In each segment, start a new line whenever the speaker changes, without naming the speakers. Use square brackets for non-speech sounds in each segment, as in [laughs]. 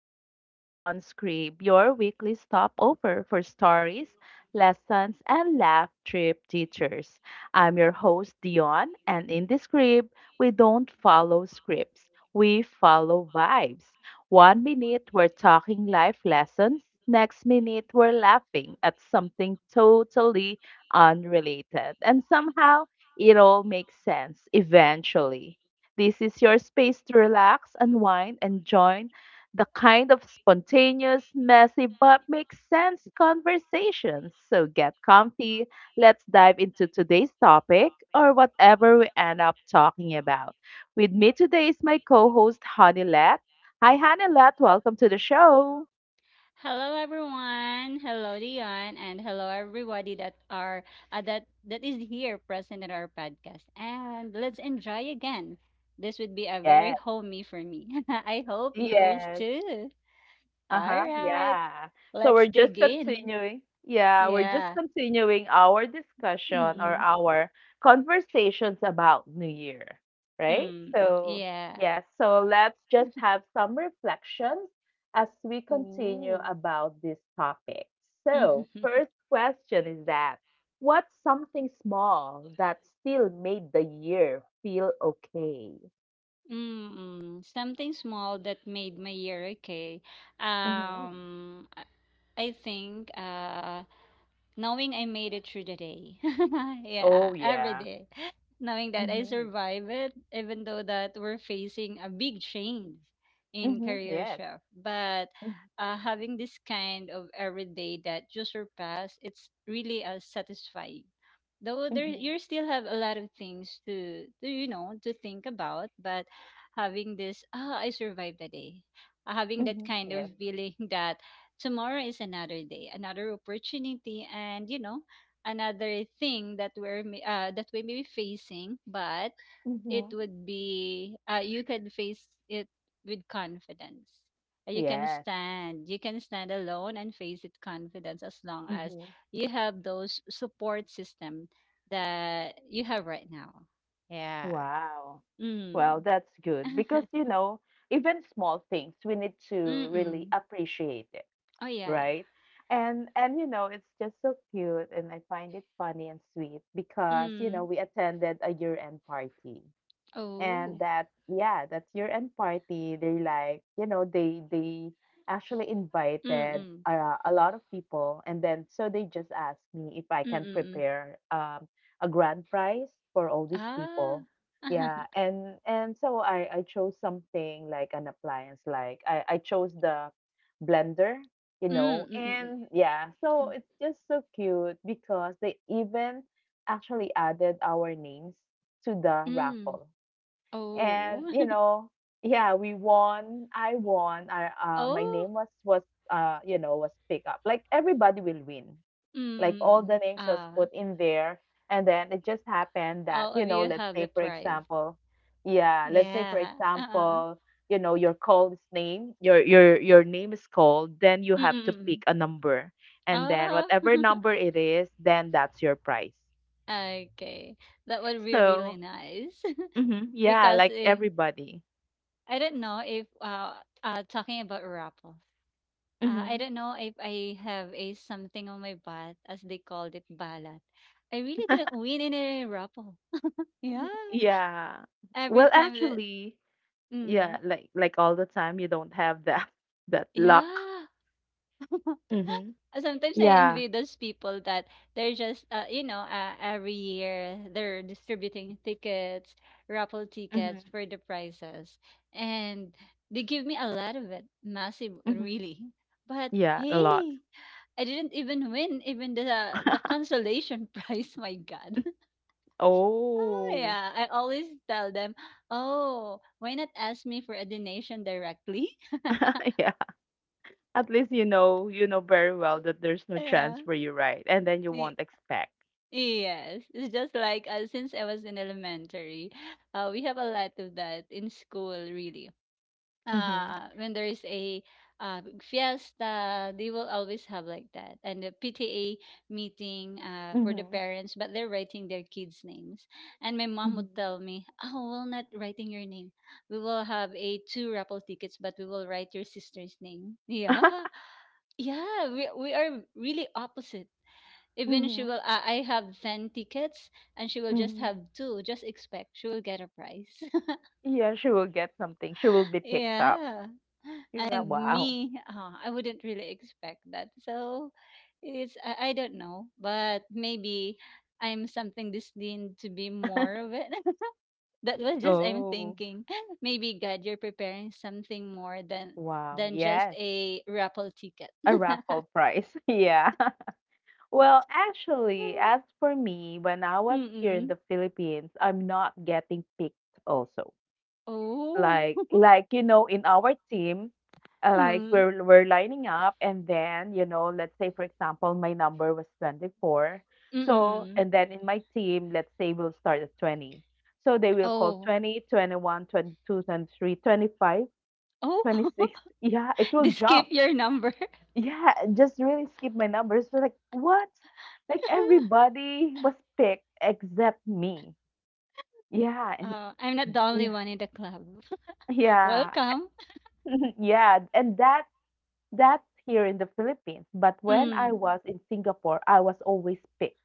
back to the On Scribe, your weekly stopover for stories, lessons, and laugh trip teachers. I'm your host, Dion, and in this scribe, we don't follow scripts, we follow vibes. One minute, we're talking life lessons, next minute, we're laughing at something totally unrelated, and somehow it all makes sense eventually. This is your space to relax, unwind, and join the kind of spontaneous, messy, but makes sense conversations. So get comfy. Let's dive into today's topic or whatever we end up talking about. With me today is my co host, Honeylet. Hi, Honeylet. Welcome to the show.
Hello everyone. Hello Dion and hello everybody that are that is here present in our podcast. And let's enjoy again. This would be a
Yes,
very homey for me. [laughs] I hope yours
yes.
too. All
Uh-huh.
right.
Yeah. So
Let's
we're just
dig in.
continuing. Yeah, we're just
Yeah.
continuing our discussion or
Mm-mm.
our conversations about New Year, right?
Mm.
So,
Yeah.
yeah, so let's just have some reflections as we continue
Ooh.
about this topic. So,
[laughs]
first question is that what's something small that still made the year feel okay?
Mm-mm. Something small that made my year okay.
hmm
Um I I think knowing I made it through the day. [laughs] Yeah,
Oh,
every
yeah.
day. Knowing that I
Mm-hmm.
survived it, even though that we're facing a big change in
Mm-hmm.
career
Yes.
shift. But having this kind of every day that you surpass, it's really satisfying. Though there
Mhm,
you still have a lot of things to you know to think about, but having this I survived the day, having that
mhm.
kind
Yes.
of feeling [laughs] that tomorrow is another day, another opportunity, and another thing that that we may be facing. But it
Mhm.
would be you can face it with confidence. You can
Yes.
stand. You can stand alone and face it confidence as long as
Mhm.
you have those support system that you have right now. Yeah.
Wow. Well,
Mm.
that's good because, you
[laughs]
know, even small things we need to really
Mm-mm.
appreciate it,
Oh yeah.
right? And you know, it's just so cute and I find it funny and sweet because, you know,
Mm.
we attended a year-end party. And
Oh.
that, yeah, that year end party, they like, you know, they actually invited
Mm-mm.
a lot of people, and then so they just asked me if I
Mm,
can
mm, mm.
prepare a grand prize for all these
Ah.
people. Yeah,
[laughs]
and so I chose something like an appliance, like I chose the blender, you
Hmm,
know.
mm, mm, mm.
And yeah, so it's just so cute because they even actually added our names to the
Mm.
raffle. And
Oh.
you
[laughs]
know, yeah, we won, I won I my
Oh.
name was, you know, was picked up, like everybody will win.
Mm,
Like
mm,
all the
mm.
names was put
Ah.
in there, and then it just happened that,
All
you
of
know,
you
let's
have the
say for
prize.
example, yeah, let's say for
Yeah. Uh-uh.
example, you know, your call is name your name is called, then you
Mm,
have
mm,
to pick
mm.
a number, and then
Oh.
whatever
[laughs]
number it is, then that's your prize.
Okay. That would be
So
really nice.
mhm,
[laughs]
yeah,
because
like
eh,
everybody.
I don't know if talking about raffles.
Mm-hmm.
I don't know if I have a something on my butt as they called it balat. I really didn't win in a raffle. Yeah.
Yeah.
Every
Well,
time that
actually, yeah,
mm.
like all the time you don't have that [laughs] that luck.
Yeah. [laughs]
Mhm.
Sometimes I
Yeah.
envy those people that they're just, every year they're distributing tickets, raffle
Mhm.
tickets for the prizes. And they give me a lot of it, massive,
Mhm.
really. But
Yeah, a lot.
hey, I didn't even win even the
[laughs]
consolation [laughs] prize. My God. Oh
Oh.
yeah, I always tell them, oh, why not ask me for a donation directly?
[laughs] Yeah. At least you know very well
[laughs]
that there's no
Yeah.
chance for you, right? And then you
Y-
won't expect.
Yes, it's just like since I was in elementary, we have a lot of that in school, really.
Mhm.
When there is a big fiesta, they will always have like that, and the PTA meeting for the
Mhm.
parents, but they're writing their kids' names. And my mom
Mhm.
would tell me, "Oh, we will not writing your name. We will have a two raffle tickets, but we will write your sister's name." [laughs] Yeah,
[laughs]
yeah, we are really opposite, even she
Mhm.
will, I have 10 tickets and she will just
Mhm.
have two. Just expect she will get a prize.
Yeah, she will get something. She will be
[laughs]
picked up.
Yeah.
Yeah.
And
Wow.
me, I wouldn't really expect that. So it's, I don't know, but maybe I'm something destined to be more of it. [laughs] That was just, I'm
Oh.
thinking, [laughs] maybe God, you're preparing something more
Wow.
than just
Yes.
a raffle ticket.
A
[laughs]
raffle prize. [laughs] Yeah. Well, actually, as for me, when I was here in
Mm-mm.
the Philippines, I'm not getting picked also.
Oh.
Like
[laughs]
like you know, in our team, like
Mm.
we're lining up, and then, you know, let's say for example, my number was 24. So,
Mm-mm.
and then in my team, let's say we'll start at 20. So they will call
Oh.
20, 21, 22, 23, 25,
Oh,
26. [laughs] Yeah, it
[laughs]
will
they skip
jump,
your number. [laughs]
yeah, just really skip my numbers. We're like, what? Like everybody was picked except me. Yeah, and
I'm not the
yeah,
only one in the club. [laughs]
yeah,
Welcome.
[laughs] yeah. And that's here in the Philippines. But when
Mm.
I was in Singapore, I was always picked.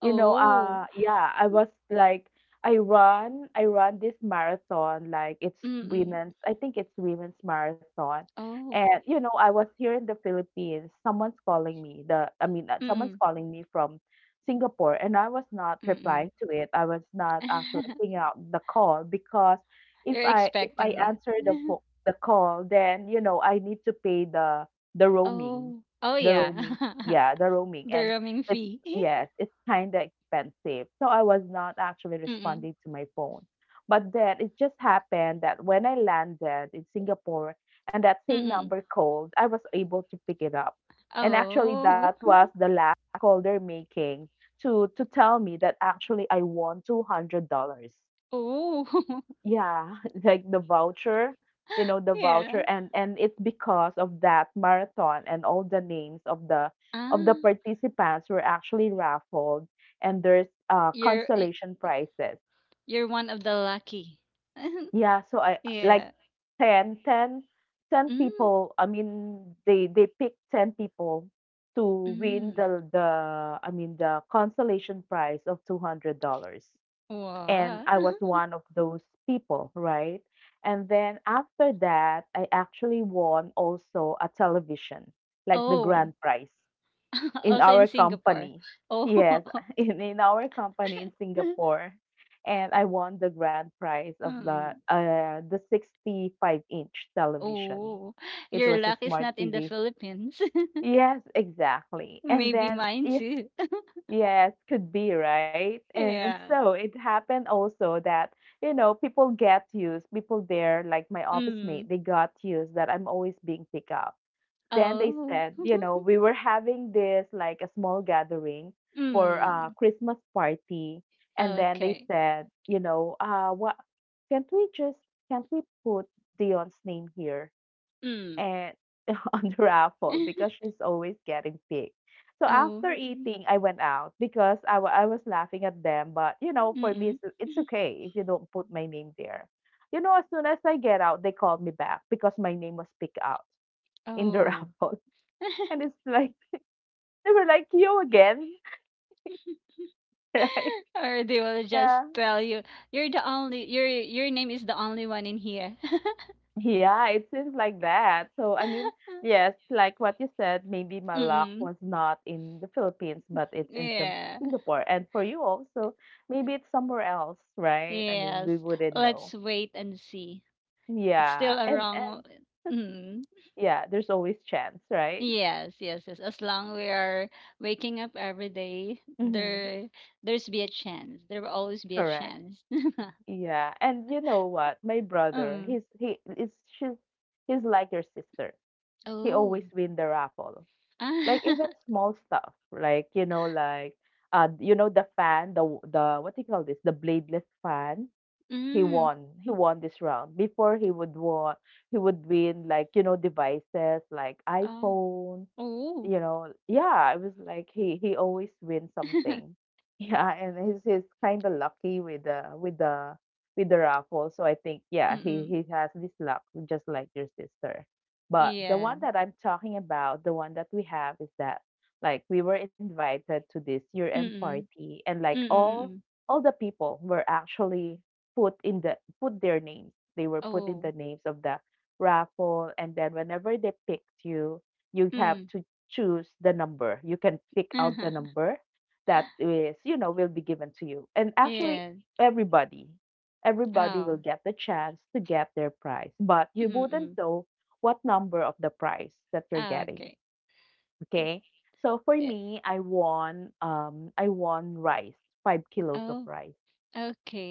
You know,
Oh.
yeah, I was like, I run this marathon, like it's
Mm-mm.
women's, I think it's women's marathon.
Oh.
And, you know, I was here in the Philippines. Someone's calling me, someone's
Mm-mm.
calling me from Singapore, and I was not
Mm-mm.
replying to it. I was not actually
[laughs]
picking out the call because
You're
if I
expecting
answer the
it.
the call, then, you know, I need to pay the
[laughs]
roaming,
Oh. Oh
the
yeah.
roaming,
[laughs]
yeah, the roaming,
The
and
roaming fee.
yes, it's kind of expensive. So I was not actually
[laughs] Mm-mm.
responding to my phone. But then it just happened that when I landed in Singapore and that same
Mm-mm.
number called, I was able to pick it up. And actually,
Oh.
that was
[laughs]
the last call they're making to tell me that actually I won $200.
Oh. [laughs]
Yeah, [laughs] like the voucher, you know, the
Yeah.
voucher. And it's because of that marathon, and all the names of the
Ah.
participants were actually raffled, and there's
You're y-
consolation prizes.
you're one of the lucky. [laughs]
Yeah, so I like
Yeah.
10, 10, ten
Mm.
people, I mean they picked 10 people to win
Mm.
the I mean the consolation prize of $200, and
What?
I was one of those people, right? And then after that, I actually won also a television, like the
Oh,
grand prize
[laughs]
in
also in
our
Singapore.
company.
Oh.
Yes, [laughs] in our company in
[laughs]
Singapore. And I won the grand prize of the
Mm.
uh, the 65-inch television.
Oh,
It was
your
a
luck is
smart
not in the
TV.
Philippines. [laughs]
Yes, exactly. And
Maybe
then,
mine
you
too. [laughs]
yes, could be, right? And
Yeah.
so it happened also that, you know, people there, like my office mate,
Mm.
they got used that I'm always being picked up. Then they
Oh.
said, you know,
[laughs]
we were having this like a small gathering for a
Mm.
Christmas party. And then they
Okay.
said, you know, what can't we just can't we put Dion's name here
Mm.
and [laughs] on the raffle because
[laughs]
she's always getting picked. So
Oh.
after eating, I went out because I I was laughing at them. But you know, for me,
Mm-mm.
it's okay if you don't put my name there. You know, as soon as I get out, they called me back because my name was picked out in the [laughs]
Oh.
raffle, and it's like they were like, "You again, [laughs] right?"
[laughs] Or they will just
Yeah.
tell you, you're the only, your name is the only one in here.
Yeah, it seems like that. So, I mean, yes,
[laughs]
like what you said, maybe my luck
Mm-mm.
was not in the Philippines, but it's in
Yeah.
Singapore. And for you also, maybe it's somewhere else, right? I mean, we
Yes,
wouldn't
let's
know.
wait and see. It's
Yeah.
still a wrong.
And
Mm,
yeah, there's always chance, right? [laughs]
yes, yes, yes. As long we are waking up every day,
hmm
there's be a chance. There will always be a
Correct.
chance.
Yeah. And you know what? My
[laughs]
brother,
Um.
she's he's like your sister. He
Oh.
always win the raffle.
Ah.
Like even small stuff, like you know, the fan, the what do you call this, the bladeless fan.
[laughs]
He
Mm.
won. He won this round. Before he would win, like, you know, devices like
Oh.
iPhone,
Oh.
you know. Yeah, it was like he always wins
[laughs]
something. [laughs] Yeah, and he's kind of lucky with the raffle. So I think yeah, he
Mm-mm.
has this luck just like your sister. But the
Yeah.
one that I'm talking about, the one that we have is that like we were invited to this year-end
Mm-mm.
party, and like all
Mm-mm.
the people were actually put their names. They were put in the
Oh.
names of the raffle, and then whenever they picked you, you have
Mm.
to choose the number. You can pick out the
[laughs]
number that is, you know, will be given to you. And actually,
Yes.
everybody, everybody
Oh.
will get the chance to get their prize, but you wouldn't
Mm-mm.
know what number of the prize that you're getting.
Okay.
Okay. So for
Eh,
me, I won rice, 5 kilos of
oh.
rice.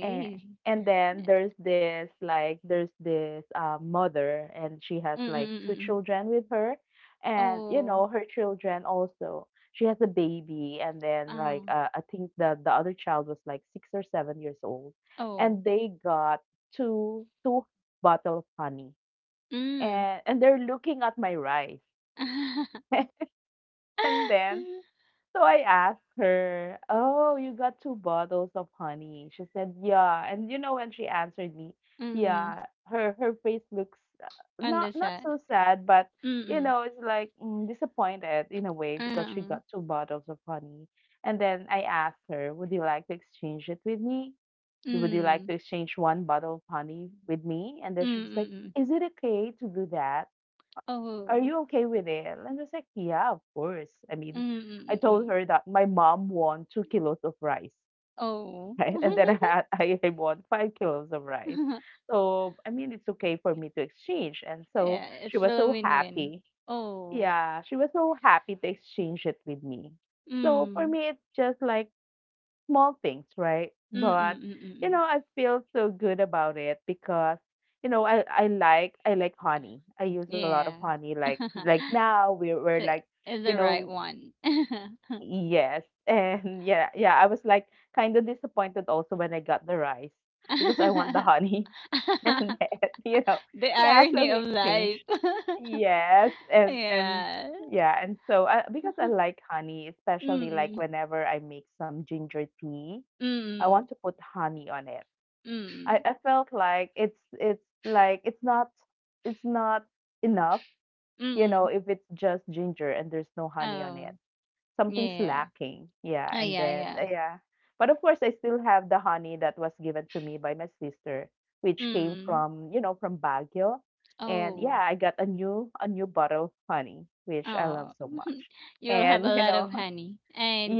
And and then there's this mother, and she has
Mm,
like
mm,
two
mm, mm.
children with her. And you know,
Oh,
her children also, she has a baby, and then like
ah,
I think the other child was like 6 or 7 years old,
oh,
and they got two bottle of honey,
hmm.
and they're looking at my rice. And then so I asked her, "Oh, you got 2 bottles of honey?" She said, "Yeah." And you know, when she answered me,
Mm,
"Yeah," her face looks
[laughs]
not
anlasa.
so sad, but you
Mm,
know, it's like mm, disappointed in a way because
ah,
she
mm,
got 2 bottles of honey. And then I asked her, "Would you like to exchange it with me?
mm,
Would you like
mm.
to exchange 1 bottle of honey with me?" And then she was like,
Mm-mm.
"Is it okay to do that? Are
Oh,
you okay with it?" And I was like, "Yeah, of course." I mean,
mm,
I
mm,
told
mm.
her that my mom won 2 kilos of rice,
Oh.
[laughs] right? And then I had I won 5 kilos of rice.
[laughs]
So, I mean, it's okay for me to exchange. And so
Yeah, it's
she was
still a
so
win-win.
happy.
Oh,
Yeah, she was so happy to exchange it with me. So for
mm,
me, it's just like small things, right?
mm, mm,
But
mm,
you know,
mm.
I feel so good about it because you know, I like honey. I use a lot of
Yeah.
honey. Like
[laughs]
now we're
So
like,
it's
you
the right
know,
one. [laughs]
yes, [laughs] and yeah, yeah. I was like kind of disappointed also when I got the rice because I want the
[laughs]
honey [laughs] and then you know
The
yeah. So
irony of
we exchanged,
life. [laughs]
yes, and
Yeah.
yeah, and so because I
[laughs]
like honey, especially like
Mm,
whenever I make some ginger tea, I
mm,
want to put honey on it. I,
mm,
I felt like it's not enough, you know,
mm.
if it's just ginger and there's no honey on it.
Oh,
Something's
yeah.
lacking. Yeah,
Oh,
and
yeah,
then
yeah.
yeah. But of course I still have the honey that was given to me by my sister, which came
Mm.
from, you know, from Baguio. And
Oh,
yeah, I got a new bottle of honey, which I love
oh.
so
[laughs]
much.
You'll have a
And you
lot
know,
of honey,
[laughs]
and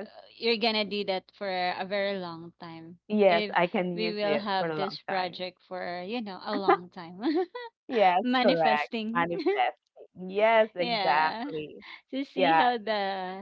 uh, you're gonna do that for a very long time.
yes,
If
I can
we
use
will
it for
have
a long
this
time.
project for, you know, a long time, [laughs]
Yes, correct.
manifesting.
Manifesting. Yes,
Yeah.
exactly.
To see
Yeah.
how the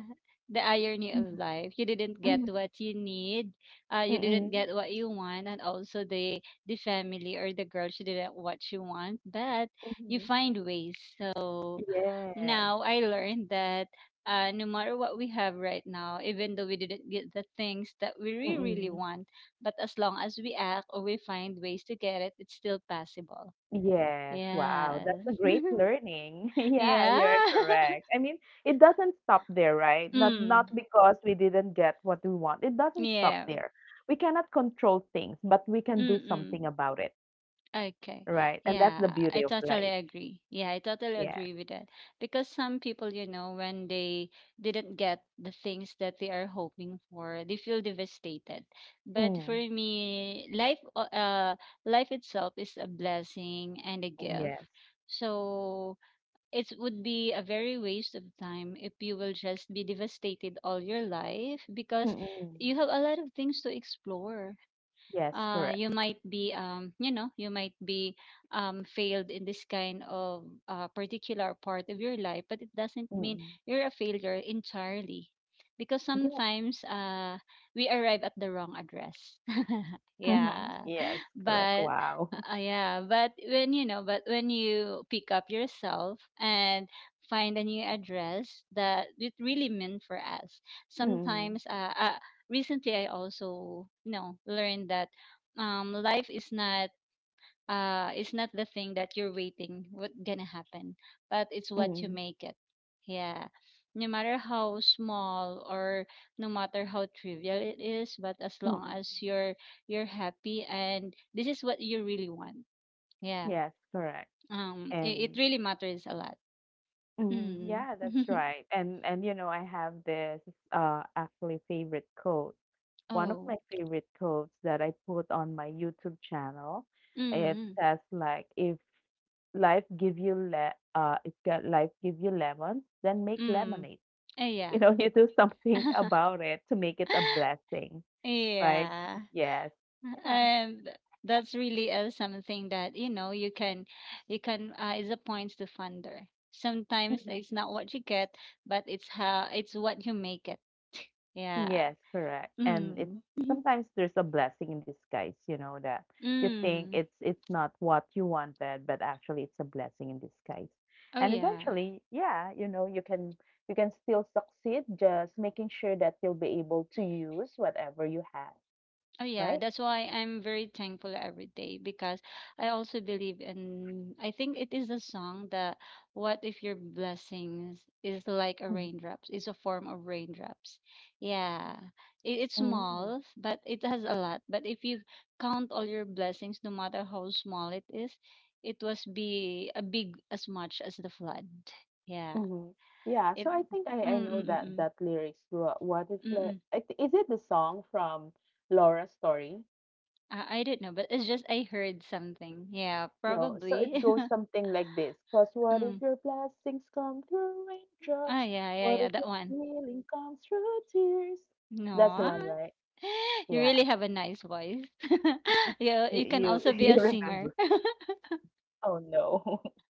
the irony
Mhm,
of life. You didn't get
mhm,
what you need. You didn't
mm,
get what you want, and also the family or the girl she didn't what she want. But you
mhm.
find ways. So
Yes.
now I learned that no matter what we have right now, even though we didn't get the things that we really really
Mm.
want, but as long as we act or we find ways to get it, it's still possible.
Yes, wow,
Yes.
that's
[laughs]
a great learning. [laughs] Yeah,
Yeah.
you're
[laughs]
correct. I mean, it doesn't stop there, right? Not
Mm.
because we didn't get what we want. It doesn't stop
Yeah.
there. We cannot control things, but we can do
Mm-mm.
something about it,
Okay.
right? And that's the
Yeah,
beauty
I
of
totally
life.
agree. Yeah, I totally
Yes.
agree with that. Because some people, you know, when they didn't get the things that they are hoping for, they feel devastated. But for
Mm.
me, life, life itself is a blessing and a gift.
Yes.
So it would be a very waste of time if you will just be devastated all your life because
Mm.
you have a lot of things to explore.
Yes, correct.
You might be you know, you might be failed in this kind of particular part of your life, but it doesn't mean
Mm.
you're a failure entirely, because
Yeah.
sometimes we arrive at the wrong address. [laughs]
Mm-hmm.
Yeah,
Yes, correct.
but
Wow. [laughs]
when you know, but when you pick up yourself and find a new address that it really meant for us,
Mm,
sometimes recently I also, you know, learned that life is not the thing that you're waiting what gonna happen, but it's what you
mm,
make it. Yeah. No matter how small or no matter how trivial it is, but as long
mm.
as you're happy and this is what you really want. Yeah.
Yes, correct.
It
And
really matters a lot.
mm,
Mm.
yeah, that's
[laughs]
right. And you know, I have this actually favorite quote. One of
Oh,
my favorite quotes that I put on my YouTube channel. It
mm,
says like, if life give you le if ge- life give you lemons, then make
mm.
lemonade. [laughs]
Eh,
You
yeah.
know, you do something about it to make it a blessing,
[laughs]
right?
Yeah.
Yes. Yeah.
And that's really something that you know you can is a points to funder. Sometimes it's not what you get, but it's how it's what you make it. Yeah.
Yes, correct. And it's
Mm. [laughs] Mhm.
sometimes there's a blessing in disguise, you know, that you think
Mm.
it's not what you wanted, but actually it's a blessing in disguise.
Oh
And
yeah.
eventually, yeah, you know, you can still succeed, just making sure that you'll be able to use whatever you have,
Oh yeah,
right?
that's why I'm very thankful every day because I also believe in, I think it is a song that what if your blessings is like a raindrops, is a form of raindrops. Yeah. It's
Mm-hmm.
small, but it has a lot. But if you count all your blessings, no matter how small it is, it was be a big as much as the flood. Yeah.
Hmm. Yeah, so
It
I think I
Mm, mm,
know
mm,
that
mm.
that lyrics. What is like?
Mm-mm.
Is it the song from Laura's Story?
I don't know, but it's just I heard something. Yeah,
You know, so it
probably. [laughs]
goes something like this. Cause what if
Mm.
your blessings come through
Ah,
raindrops?
yeah, yeah,
What
yeah,
if
that
your
one.
healing comes through tears? That's the
No. [gasps]
one, right?
[laughs] You
Yeah.
really have a nice voice. [laughs]
You
Yeah, you can
you [laughs]
also be
you
a
remember?
singer.
Oh no. [laughs]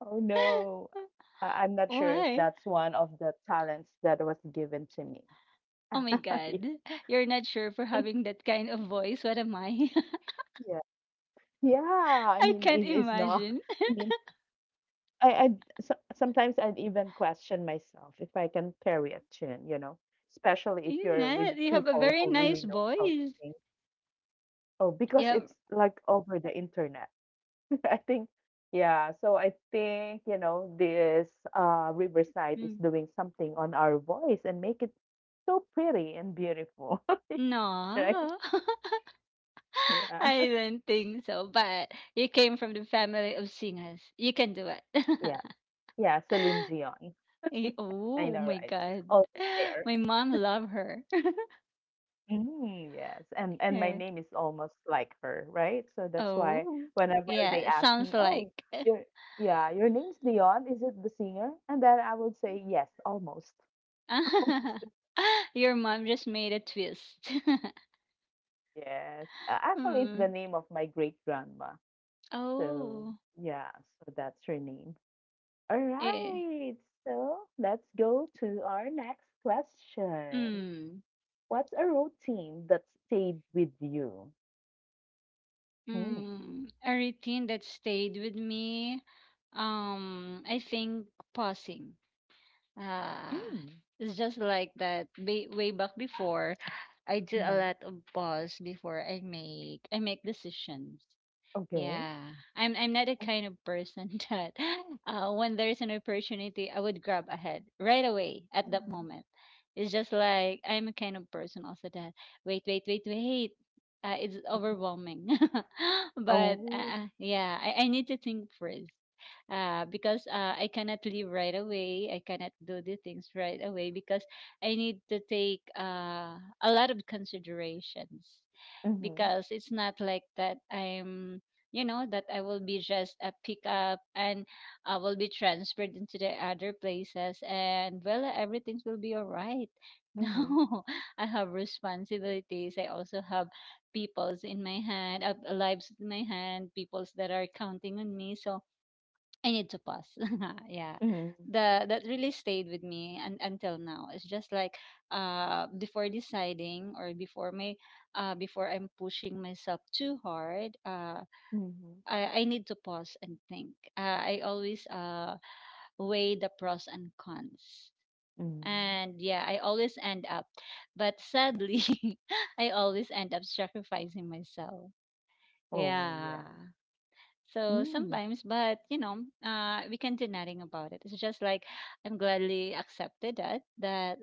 Oh no.
[laughs]
I- I'm not sure if
Why?
that's one of the talents that was given to me.
Oh my
[laughs] Yeah.
God. You're not sure for having that kind of voice. What am I? [laughs]
Yeah. Yeah. I
I
mean,
can't
it is not.
imagine.
[laughs] I
[laughs]
mean. I so, sometimes I'd even question myself if I can carry a tune, you know, especially if
You
you're with
not. You have a
people
very
who really
nice
knows how to
voice.
sing. Oh,
You
because
have.
it's like over the internet. [laughs] I think, yeah. So I think you know this Riverside is
Mm.
doing something on our voice and make it so pretty and beautiful, [laughs] right?
No. [laughs]
Yeah,
I don't think so. But you came from the family of singers. You can do it.
yeah,
[laughs]
yeah. Celine Dion.
Eh,
I
oh
know,
my
right?
god.
Always
[gasps] [laughs]
there.
My mom love her. [laughs]
Mm, yes, and my
Yeah.
name is almost like her, right? So that's why
Oh.
whenever they
Yeah,
ask
sounds
me,
like
"Oh, your yeah, your name's Dion, is it the singer?" And then I would say, "Yes, almost." [laughs]
[laughs] your mom just made a twist. [laughs]
Yes. Actually, it's the
Mm.
name of my great grandma. So
Oh.
yeah, so that's her name. All
Eh.
right, so let's go to our next question.
Mm.
What's a routine that stayed with you? Hmm.
Mm. A routine that stayed with me. I think pausing. Ah,
Hmm.
it's just like that. Way back before, I do a
Mhm.
lot of pause before I make decisions.
Okay.
Yeah, I'm not the kind of person [laughs] that when there's an opportunity, I would grab ahead right away at that
Mhm,
moment. It's just like I'm a kind of person also that wait, wait, wait, wait. It's
mhm.
overwhelming, [laughs] but
Oh.
yeah, I need to think first. Because I cannot leave right away. I cannot do the things right away because I need to take a lot of considerations
Mhm,
because it's not like that I'm you know that I will be just a pickup and I will be transferred into the other places, and well everything will be all right. [laughs]
mhm,
No, I have responsibilities. I also have peoples in my hand, lives in my hand, peoples that are counting on me. So I need to pause. [laughs] Yeah.
mhm,
The that really stayed with me and until now. It's just like before deciding or before my before I'm pushing myself too hard,
mhm,
I need to pause and think. I always weigh the pros and cons.
mhm.
And yeah, I always end up, but sadly, [laughs] I always end up sacrificing myself.
Oh,
Yeah.
yeah.
So
Mm,
sometimes, but we can do nothing about it. It's just like I'm gladly accepted that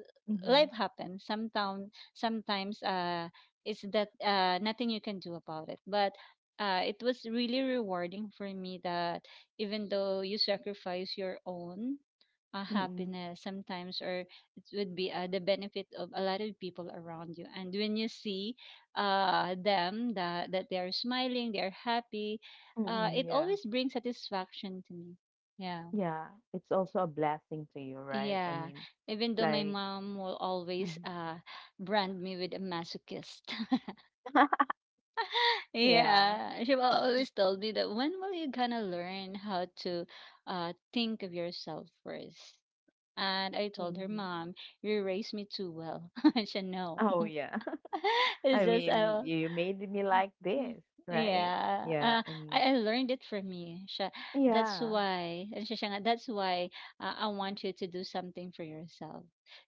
life
mhm,
happens. Sometimes, it's that nothing you can do about it. But it was really rewarding for me that even though you sacrifice your own
mm-mm,
happiness sometimes, or it would be the benefit of a lot of people around you. And when you see them that they are smiling, they are happy,
mm-mm,
it
yeah.
always brings satisfaction to me. Yeah,
Yeah. It's also a blessing to you, right? I
yeah.
mean,
Even though my
like,
mom will always
mhm.
brand me with a masochist.
[laughs]
[laughs]
Yeah.
Yeah, she will always tell me that when will you gonna learn how to think of yourself first? And I told her,
Hmm.
Mom, you raised me too well. [laughs] And she, no.
Oh, yeah.
[laughs]
[laughs]
It's
I
just
mean, you made me
mm,
like
mm.
this, right?
Yeah,
Yeah.
I,
And
I learned it from you. Siya. That's
yeah.
why, and siya siya that's why I want you to do something for yourself.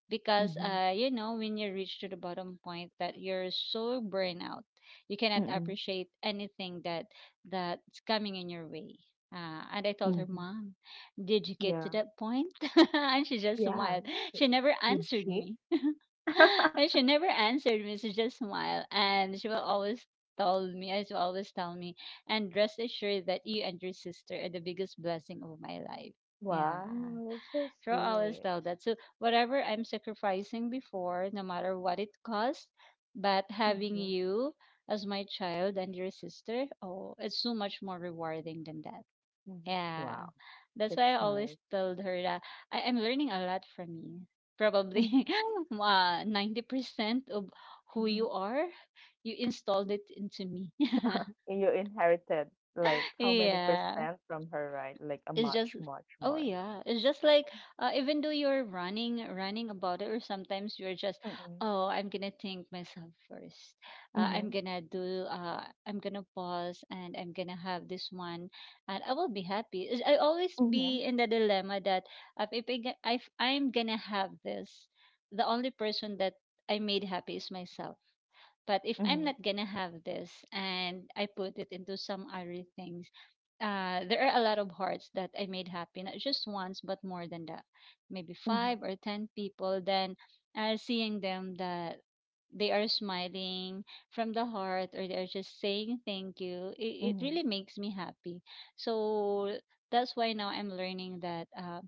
Because,
Mm-hmm,
when you reach to the bottom point that you're so burned out, you cannot
mm-mm,
appreciate anything that's coming in your way. And I told her,
mm-hmm.
Mom, did you get to
Yeah.
that point? [laughs] And she just
Yeah.
smiled. She never
Did
answered
she?
me. [laughs]
[laughs]
And she never answered me. She just smiled, and she will always told me, as will always tell me, and rest assured that you and your sister are the biggest blessing of my life. Yeah,
Wow, that's so
she will always
sweet.
tell that. So whatever I'm sacrificing before, no matter what it costs, but having
Mhm,
you as my child and your sister, oh, it's so much more rewarding than that.
mhm.
Yeah.
Wow,
That's why
that's
I always
nice.
told her that I am learning a lot from you. Probably
Mhm,
[laughs] 90% of who
mhm.
you are, you installed it into me. [laughs]
[laughs] You inherited like how many
Yeah.
percent from her, right? Like a
It's just,
much, much
oh
more.
yeah, it's just like even though you're running running about it, or sometimes you're just,
Mm-mm.
oh, I'm gonna think myself first.
Mm-hmm.
I'm gonna pause and I'm gonna have this one, and I will be happy. I always be
Mm-hmm.
in the dilemma that if I'm gonna have this, the only person that I made happy is myself. But if I'm
Mm-hmm.
not gonna have this and I put it into some other things, there are a lot of hearts that I made happy, not just once, but more than that. Maybe five or ten people. Then seeing them that they are smiling from the heart or they're just saying thank you, it
Mm-hmm.
really makes me happy. So that's why now I'm learning that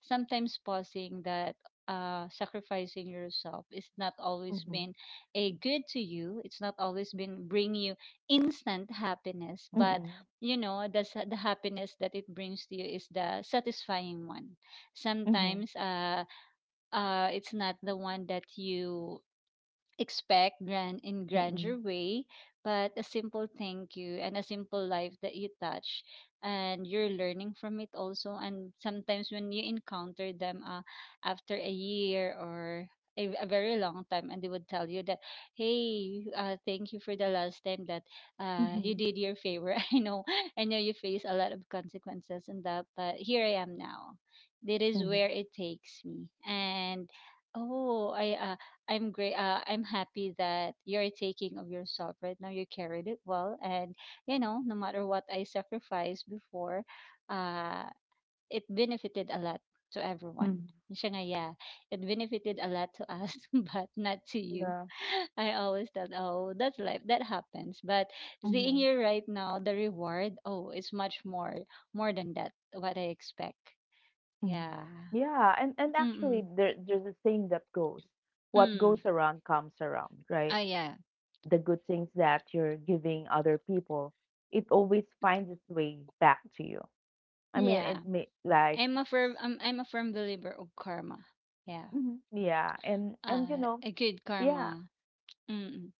sometimes pausing that sacrificing yourself is not always
Mm-hmm.
been a good to you. It's not always been bring you instant happiness, but
Mm-hmm.
the happiness that it brings to you is the satisfying one.
Mm-hmm. Mm-hmm.
Sometimes, it's not the one that you expect grand in
Mm-hmm.
grander way, but a simple thank you and a simple life that you touch, and you're learning from it also. And sometimes when you encounter them, after a year or a very long time, and they would tell you that, hey, thank you for the last time that you
Mm-hmm.
did your favor. [laughs] I know, you face a lot of consequences and that, but here I am now, that is
Mm-hmm.
where it takes me, and oh I'm great. I'm happy that you're taking of yourself right now. You carried it well, and no matter what I sacrificed before, uh, it benefited a lot to everyone.
Mm-hmm.
Siya nga, yeah, it benefited a lot to us, [laughs] but not to you.
Yeah.
[laughs] I always thought, oh, that's life, that happens. But seeing
Mm-hmm.
you right now, the reward, oh, it's much more, more than that, what I expect.
Mm-hmm.
Yeah.
Yeah, and actually
Mm-mm.
there's a saying that goes, what
Mm.
goes around comes around,
Oh,
right?
yeah.
The good things that you're giving other people, it always finds its way back to you. I mean, it
Yeah.
may like,
I'm a firm believer of karma. Yeah.
mhm. Yeah, and you
Uh
know,
a good
yeah,
karma. Mm-mm.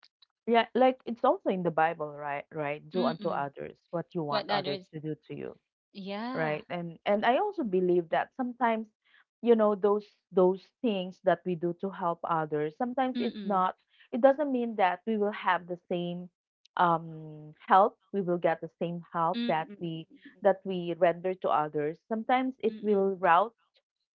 yeah, like it's also in the Bible, right? Right? Do unto
Mm-mm.
others what you want
What
others
others,
to do to you.
yeah.
Right, and I also believe that sometimes, you know, those things that we do to help others, sometimes it's
Mm-mm.
not, it doesn't mean that we will have the same, um, help, we will get the same help that
Mm-mm.
we render to others, sometimes it
Mm-mm.
will route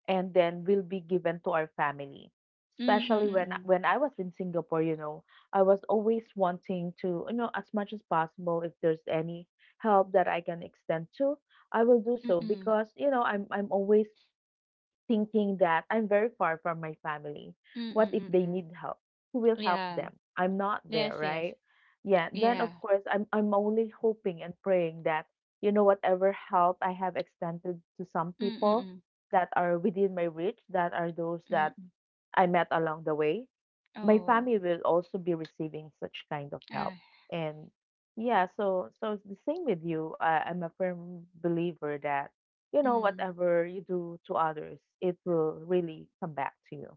and then will be given to our family. Especially when
Mm-mm.
I was in Singapore, you know, I was always wanting to, you know, as much as possible, if there's any help that I can extend to, I will do so
Mm-mm.
because, you know, I'm always thinking that I'm very far from my family. What
Mm-mm.
if they
Mm-mm.
need help? Who will help
Yeah.
them? I'm not
Yes,
there,
yes.
right? Yeah, then
Yeah.
of course I'm only hoping and praying that, you know, whatever help I have extended to some people
Mm-mm.
that are within my reach, that are those that
Mm-mm.
I met along the way. My
Oh.
family will also be receiving such kind of help.
Ah.
And yeah, so so it's the same with you. I'm a firm believer that, you know,
Mm.
whatever you do to others, it will really come back to you.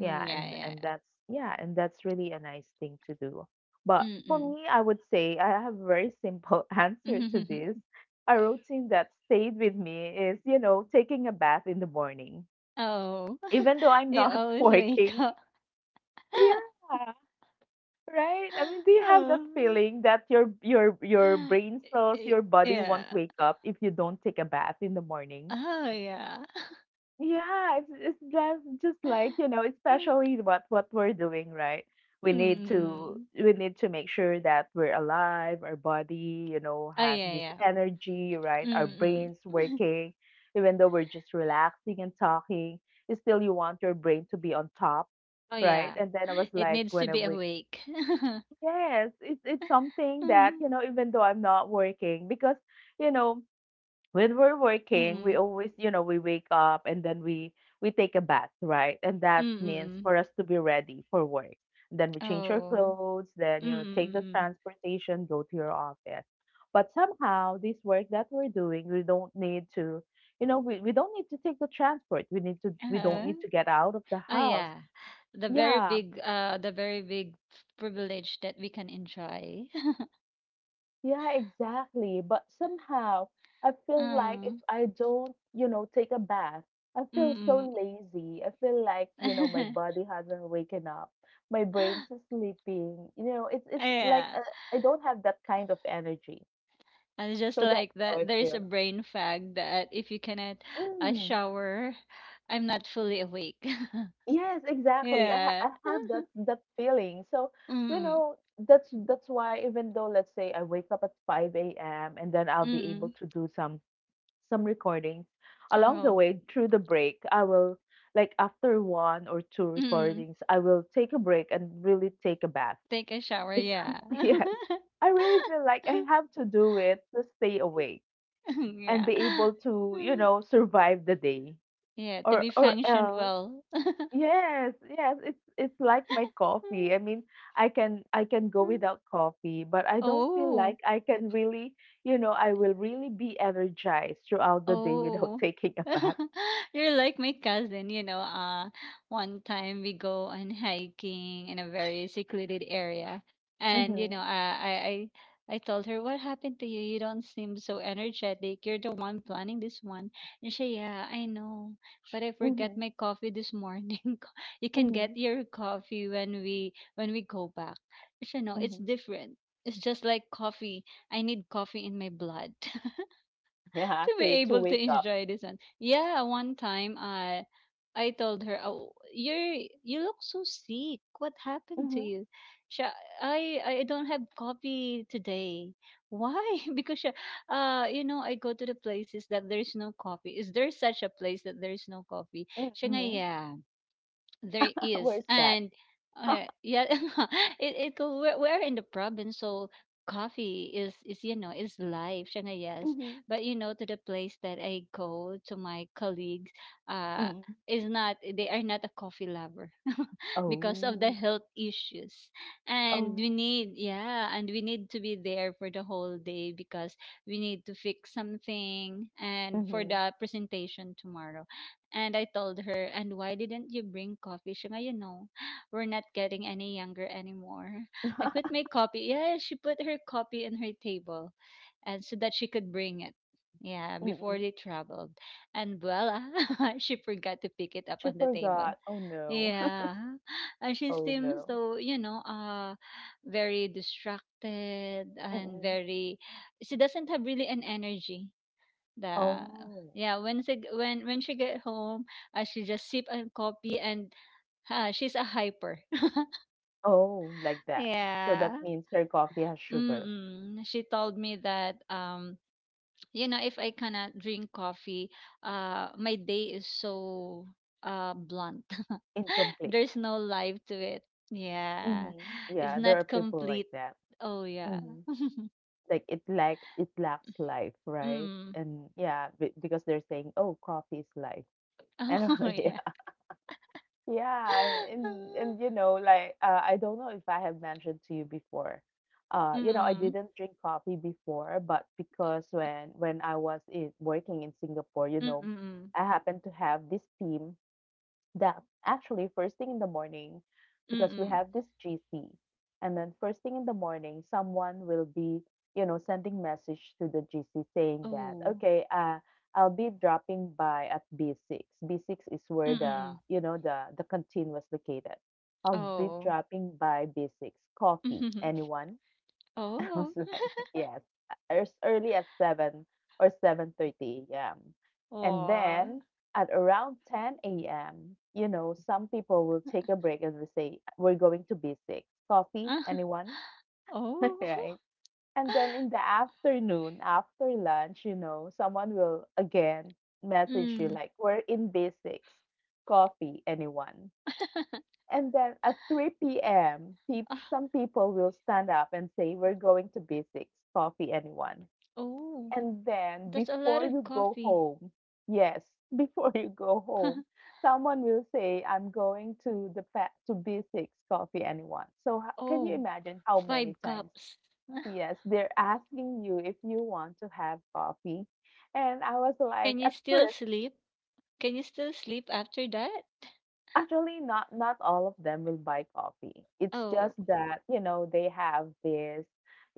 Yeah,
yeah, yeah.
and that's yeah, and that's really a nice thing to do. But for
Yeah.
me, I would say I have a very simple [laughs] answer to
Mm-mm.
this.
[laughs]
A routine that stayed with me is, you know, taking a bath in the morning,
Oh.
even though
[laughs]
I'm
You
not [laughs]
always wake
working,
up. [laughs]
yeah, right. I mean, do you have that
Oh.
feeling that your
[sighs]
brain cells,
Eh,
your body won't
yeah.
wake up if you don't take a bath in the morning?
Oh, yeah.
Yeah, it's just like, you know,
[laughs]
especially what we're doing, right? We need to
Mm.
we need to make sure that we're alive, our body, you know,
Oh,
has
yeah,
this
yeah.
energy, right? Our
Mm-mm.
brains
[laughs]
working, even though we're just relaxing and talking, still you want your brain to be on top,
Oh,
right?
yeah.
And then I was
It
like,
needs to
when I
be
wake—
awake. [laughs]
Yes, it's something that,
Mm.
you know, even though I'm not working, because, you know, when we're working, we
Mm-mm.
always, you know, we wake up and then we take a bath, right? And that means
Mm-mm.
for us to be ready for work. Then we change our
Oh.
clothes, then, you know, take the
Mm-mm.
transportation, go to your office. But somehow this work that we're doing, we don't need to take the transport. We don't
Uh-huh.
need to get out of the
Oh,
house.
yeah. The very
Yeah.
big, uh, the very big privilege that we can enjoy.
Yeah, exactly. But somehow I
[laughs]
feel like if
Mm.
I don't, you know, take a bath, I feel so
Mm-mm.
lazy. I feel like, you know, my
[laughs]
body hasn't waken up. My brain's is sleeping. You know, it's like
Yeah.
I don't have that kind of energy.
And it's just
So that's
like
how
that,
I
there is a
feel.
brain fag that if you cannot
Mm,
shower, I'm not fully awake.
yes,
[laughs]
exactly.
Yeah.
I have that that feeling. So, you
Mm.
know, that's why even though let's say I wake up at 5 a.m. and then I'll be able
Mm.
to do some recordings along the
Oh.
way through the break, I will, like after one or two
Mm.
recordings, I will take a break and really take a bath
Take a
[laughs]
shower.
because
Yeah.
yes, I really feel like
[laughs]
I have to do it to stay awake and
Yeah.
be
[sighs]
able to, you
Mm.
know, survive the day
Yeah. To be
or
functioned
else.
well.
Yes, yes, it's like my coffee, I mean, I can go
[laughs]
without coffee, but I don't feel
Oh.
like I can really, you know, I will really be energized throughout the day without
Oh,
[laughs] taking a bath.
[laughs] you're like my cousin, One time we go on hiking in a very secluded area, and
Mhm,
I told her, "What happened to you? You don't seem so energetic. You're the one planning this one." And she, "Yeah, I know, but I forgot
mhm,
my coffee this morning. [laughs] You can get
mhm,
your coffee when we go back." She, "No, it's
mhm.
different. It's just like coffee. I need coffee in my blood." [laughs] [laughs]
Yeah,
To be
to
able to
wake up.
enjoy this one. Yeah, one time I told her, "Oh, you look so sick. What happened to
Mhm,
you?" She, I don't have coffee today. Why? [laughs] Because she, I go to the places that there's no coffee. Is there such a place that there's no coffee?
mm,
She nga,
mhm.
yeah, there
[laughs]
is.
Where's that?
And
[laughs]
yeah, [laughs] it we're in the province, so coffee is is life, shana, yes,
Mhm,
but to the place that I go, to my colleagues, uh
mm.
is not they are not a coffee lover. [laughs] Because of the
Oh,
health issues, and we
oh,
need, yeah, and we need to be there for the whole day, because we need to fix something and for
mhm.
the presentation tomorrow. And I told her, and why didn't you bring coffee? Siya nga, [gasps] we're not getting any younger anymore.
[laughs]
I put
Mhm.
my copy. Yeah, she put her copy in her table, and so that she could bring it. Yeah, before they traveled. And voila, [laughs] she forgot to pick it up
She
on the table.
forgot. Oh no. [laughs]
Yeah. And she
Oh
seems
no.
so, very distracted, and
Mm-mm.
very she doesn't have really an energy. The
Oh,
Yeah, when she, g- when she get home, she just sip and coffee, and she's a hyper.
oh, like
[laughs]
that. So that
Yeah.
means her coffee has sugar.
Mm-mm. She told me that if I cannot drink coffee, my day is so blunt. [laughs]
Incomplete.
There's no life to it. Yeah.
Mm-hmm.
It's
Yeah, there are
not
people like
complete.
that.
Oh yeah.
Mm-hmm. Like it lack it lacks life, right?
Mm.
And yeah, b because they're saying, oh, coffee is life.
[laughs] Oh
And [laughs] yeah,
yeah.
yeah, and you
[laughs]
know, like, I don't know if I have mentioned to you before. You know, I
Mm.
didn't drink coffee before, but because when I was in, working in Singapore, you
Mm.
know,
Mm.
I happened to have this team. That actually first thing in the morning,
Mm.
because we
Mm.
have this GC, and then first thing in the morning, someone will be, you know, sending message to the GC saying that,
Oh.
okay, I'll be dropping by at B6. B6 is where
Mm.
the,
Mm.
you know, the canteen was located. I'll be
Oh.
dropping by B6. Coffee,
[laughs]
anyone? [laughs] I was
Oh.
like, yes, a- as early as 7 or 7:30 a.m. And
Aw.
then at around 10 a.m., you know, some people will take a break and they say, we're going to B6. Coffee,
[laughs]
anyone? [laughs]
Oh.
right? And then in the
[laughs]
afternoon, after lunch, you know, someone will again message you
Mm.
like, we're in B6. Coffee, anyone? And then at 3 p.m., peop
Ah,
some people will stand up and say, "We're going to Basics, coffee, anyone?"
oh.
And then
That's [laughs] a lot of
before you go
coffee.
home, yes, [laughs] before you go home, someone will say, "I'm going to Basics, coffee, anyone?" So can
Oh.
you imagine how
Five
many times?
cups.
Yes, they're asking you if you want to have coffee. And I was
Can
like,
you
at
still
first,
sleep? Can you still sleep after that?
actually, not all of them will buy coffee. It's
Oh.
just that, you know, they have this,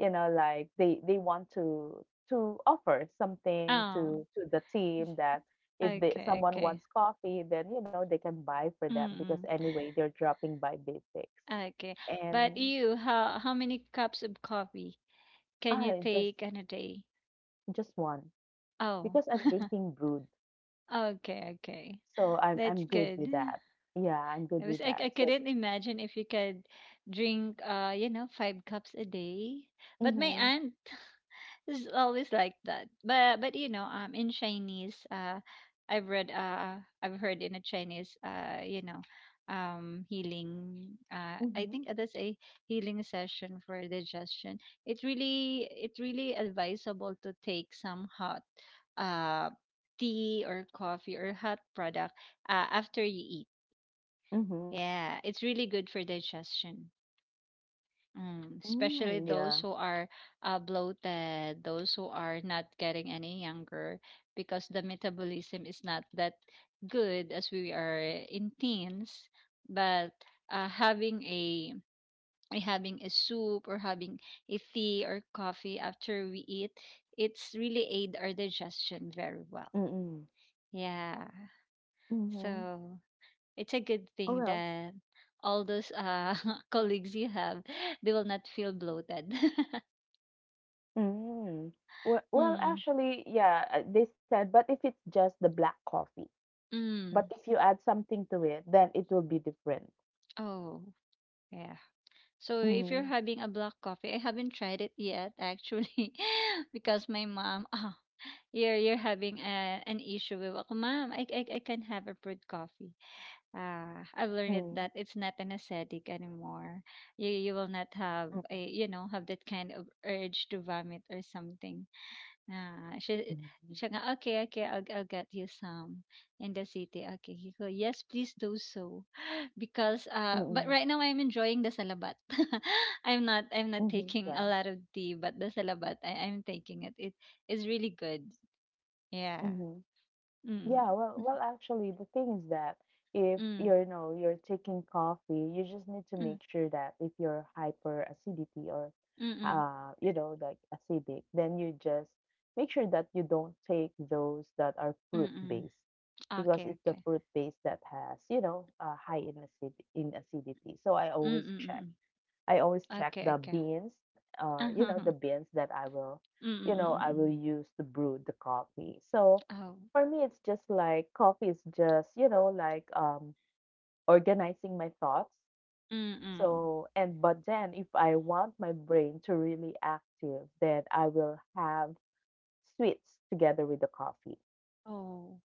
you know, like they want to offer something
Oh.
to the team, that if they,
Okay,
someone
okay.
wants coffee, then you know they can buy for them because
Mm-mm.
anyway they're dropping by Basics.
Okay. But
And
you, how many cups of coffee can you
I just
take in a day?
just one
Oh.
because I'm drinking brewed,
Okay, okay.
so I'm
That's
I'm good
good.
with that. Yeah, I'm
I
good
was
with
I
that. So,
couldn't imagine if you could drink, five cups a day. But my
mm-hmm,
aunt [laughs] is always like that. But in Chinese, I've read, uh, I've heard in a Chinese, healing. I
mm-hmm,
think that's a healing session for digestion. It really advisable to take some hot, uh, tea or coffee or hot product, after you eat.
mm-hmm,
Yeah, it's really good for digestion. Mm, especially
mm,
those
yeah,
who are bloated, those who are not getting any younger, because the metabolism is not that good as we are in teens. But having a soup or having a tea or coffee after we eat, it's really aid our digestion very well.
mm-mm.
Yeah.
Mhm.
So it's a good
Oh
thing
well.
that all those [laughs] colleagues you have, they will not feel bloated. [laughs]
Mm. Well,
Mm,
actually, yeah, they said, but if it's just the black coffee, but
mm.
if you add something to it, then it will be different.
Oh yeah. So if you're
Mm-hmm.
having a black coffee, I haven't tried it yet actually. [laughs] Because my mom [laughs] oh, you're having an issue with, oh, mom, I can not have a brewed coffee. Ah, I've learned
Mm-hmm.
it that it's not an aesthetic anymore. You will not have a have that kind of urge to vomit or something. Ah, she, siya nga, "Okay, okay, I'll get you some in the city." Okay, he go, "Yes, please do so." [gasps] [laughs] Because
Mm-hmm.
but right now I'm enjoying the salabat. [laughs] I'm not
Mm-hmm. Yeah.
taking a lot of tea, but the salabat I'm taking it. It is really good. Yeah.
Mm-hmm. Yeah,
Mm.
well, actually, the thing is that if you're,
Mm.
you know, you're taking coffee, you just need to make
Mm.
sure that if you're hyper acidity or,
Mm.
you know, like acidic, then you just make sure that you don't take those that are
Mm.
fruit
Mm.
based
Mm.
because
Okay,
it's the
okay.
fruit base that has, you know, high in acidity. So
Mm. Mm. Mm,
I always
mm.
check
Okay,
the
okay.
beans,
[laughs]
or you know
Uh-huh.
the beans that I will
Mm. Mm.
you
Mm,
know
mm,
I
mm.
will use to brew the coffee. So
Oh.
for me it's just like coffee is just you know like organizing my thoughts.
Mm. Mm.
So and but then if I want my brain to really active, then I will have sweets together with the coffee.
Oh.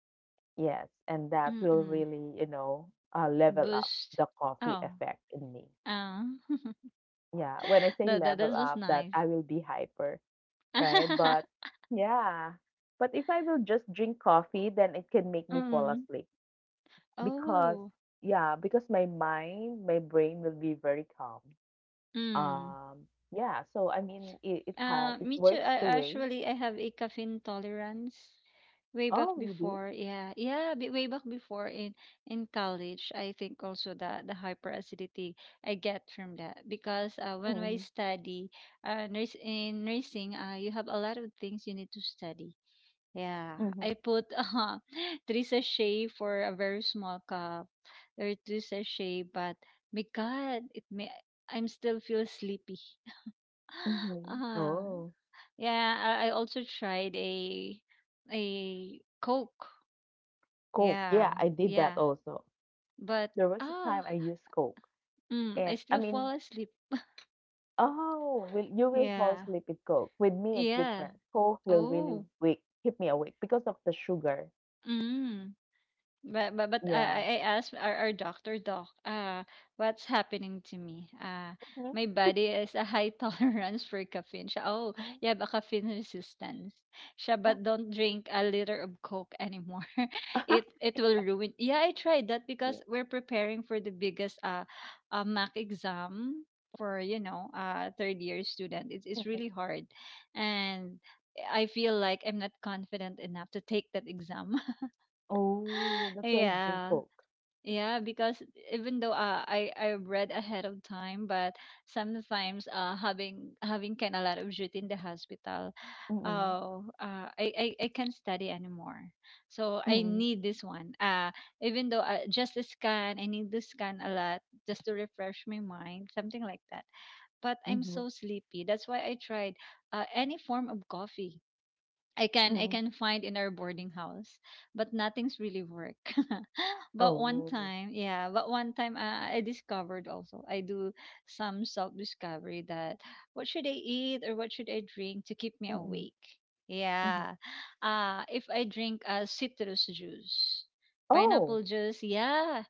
Yes, and that
Mm.
will
Mm.
really level up the
Boost.
coffee
Oh.
effect in me.
Ah. [laughs]
Yeah, when I say
That that
level
that
up,
was
that I
nice.
will be hyper, right? But
[laughs]
yeah, but if I will just drink coffee, then it can make me fall
Mm.
asleep because
Oh.
yeah, because my mind, my brain will be very calm.
Mm.
Um, yeah, so I mean, it, it has it
Me too.
works
I
the way.
actually I have a caffeine tolerance. Way back
Oh, you do?
before, yeah, yeah, way back before in college. I think also the hyperacidity I get from that because, when I
Mm-hmm.
study, nurse in nursing, you have a lot of things you need to study. Yeah, I
Mm-hmm.
put [laughs] three sachet for a very small cup. There are two sachet, but my God, it may, I'm still feel sleepy. [gasps]
Mm-hmm.
Ah,
Oh,
yeah, I also tried a Coke.
Coke. Yeah,
Yeah,
I did that
yeah,
also.
but
There was a
ah,
time I used Coke,
I
and I
still fall
mean,
asleep.
oh, will you will fall
Yeah,
asleep with Coke. With me, it's
yeah.
different. Coke will
Oh,
really wake keep me awake because of the sugar.
mm. But
Yeah.
I asked our doctor, what's happening to me?
Mhm.
My body is a high [laughs] tolerance for caffeine. Siya, oh, you
Oh,
have a caffeine resistance. Siya,
oh,
but don't drink a liter of Coke anymore. [laughs]
[laughs]
It will
Yeah.
ruin. Yeah, I tried that
Yeah.
because we're preparing for the biggest MAC exam for third year student. It's
Mm.
really hard, and I feel like I'm not confident enough to take that exam. [laughs]
Oh, that's why I drink
Yeah,
Coke.
yeah, because even though, I read ahead of time. But sometimes having kind of a lot of duty in the hospital,
Mm-mm,
oh, I can't study anymore. So I
mm-mm,
need this one. Even though, just a scan, I need to scan a lot just to refresh my mind, something like that. But I'm
mm-hmm,
so sleepy. That's why I tried any form of coffee I can
mm-mm.
find in our boarding house, but nothing's really work. [laughs] But one
Oh,
time, yeah, but one time I discovered also. I do some self discovery that what should I eat or what should I drink to keep me
mm-mm,
awake?
mm-hmm.
Yeah. If I drink, citrus juice, pineapple
Oh,
juice, yeah,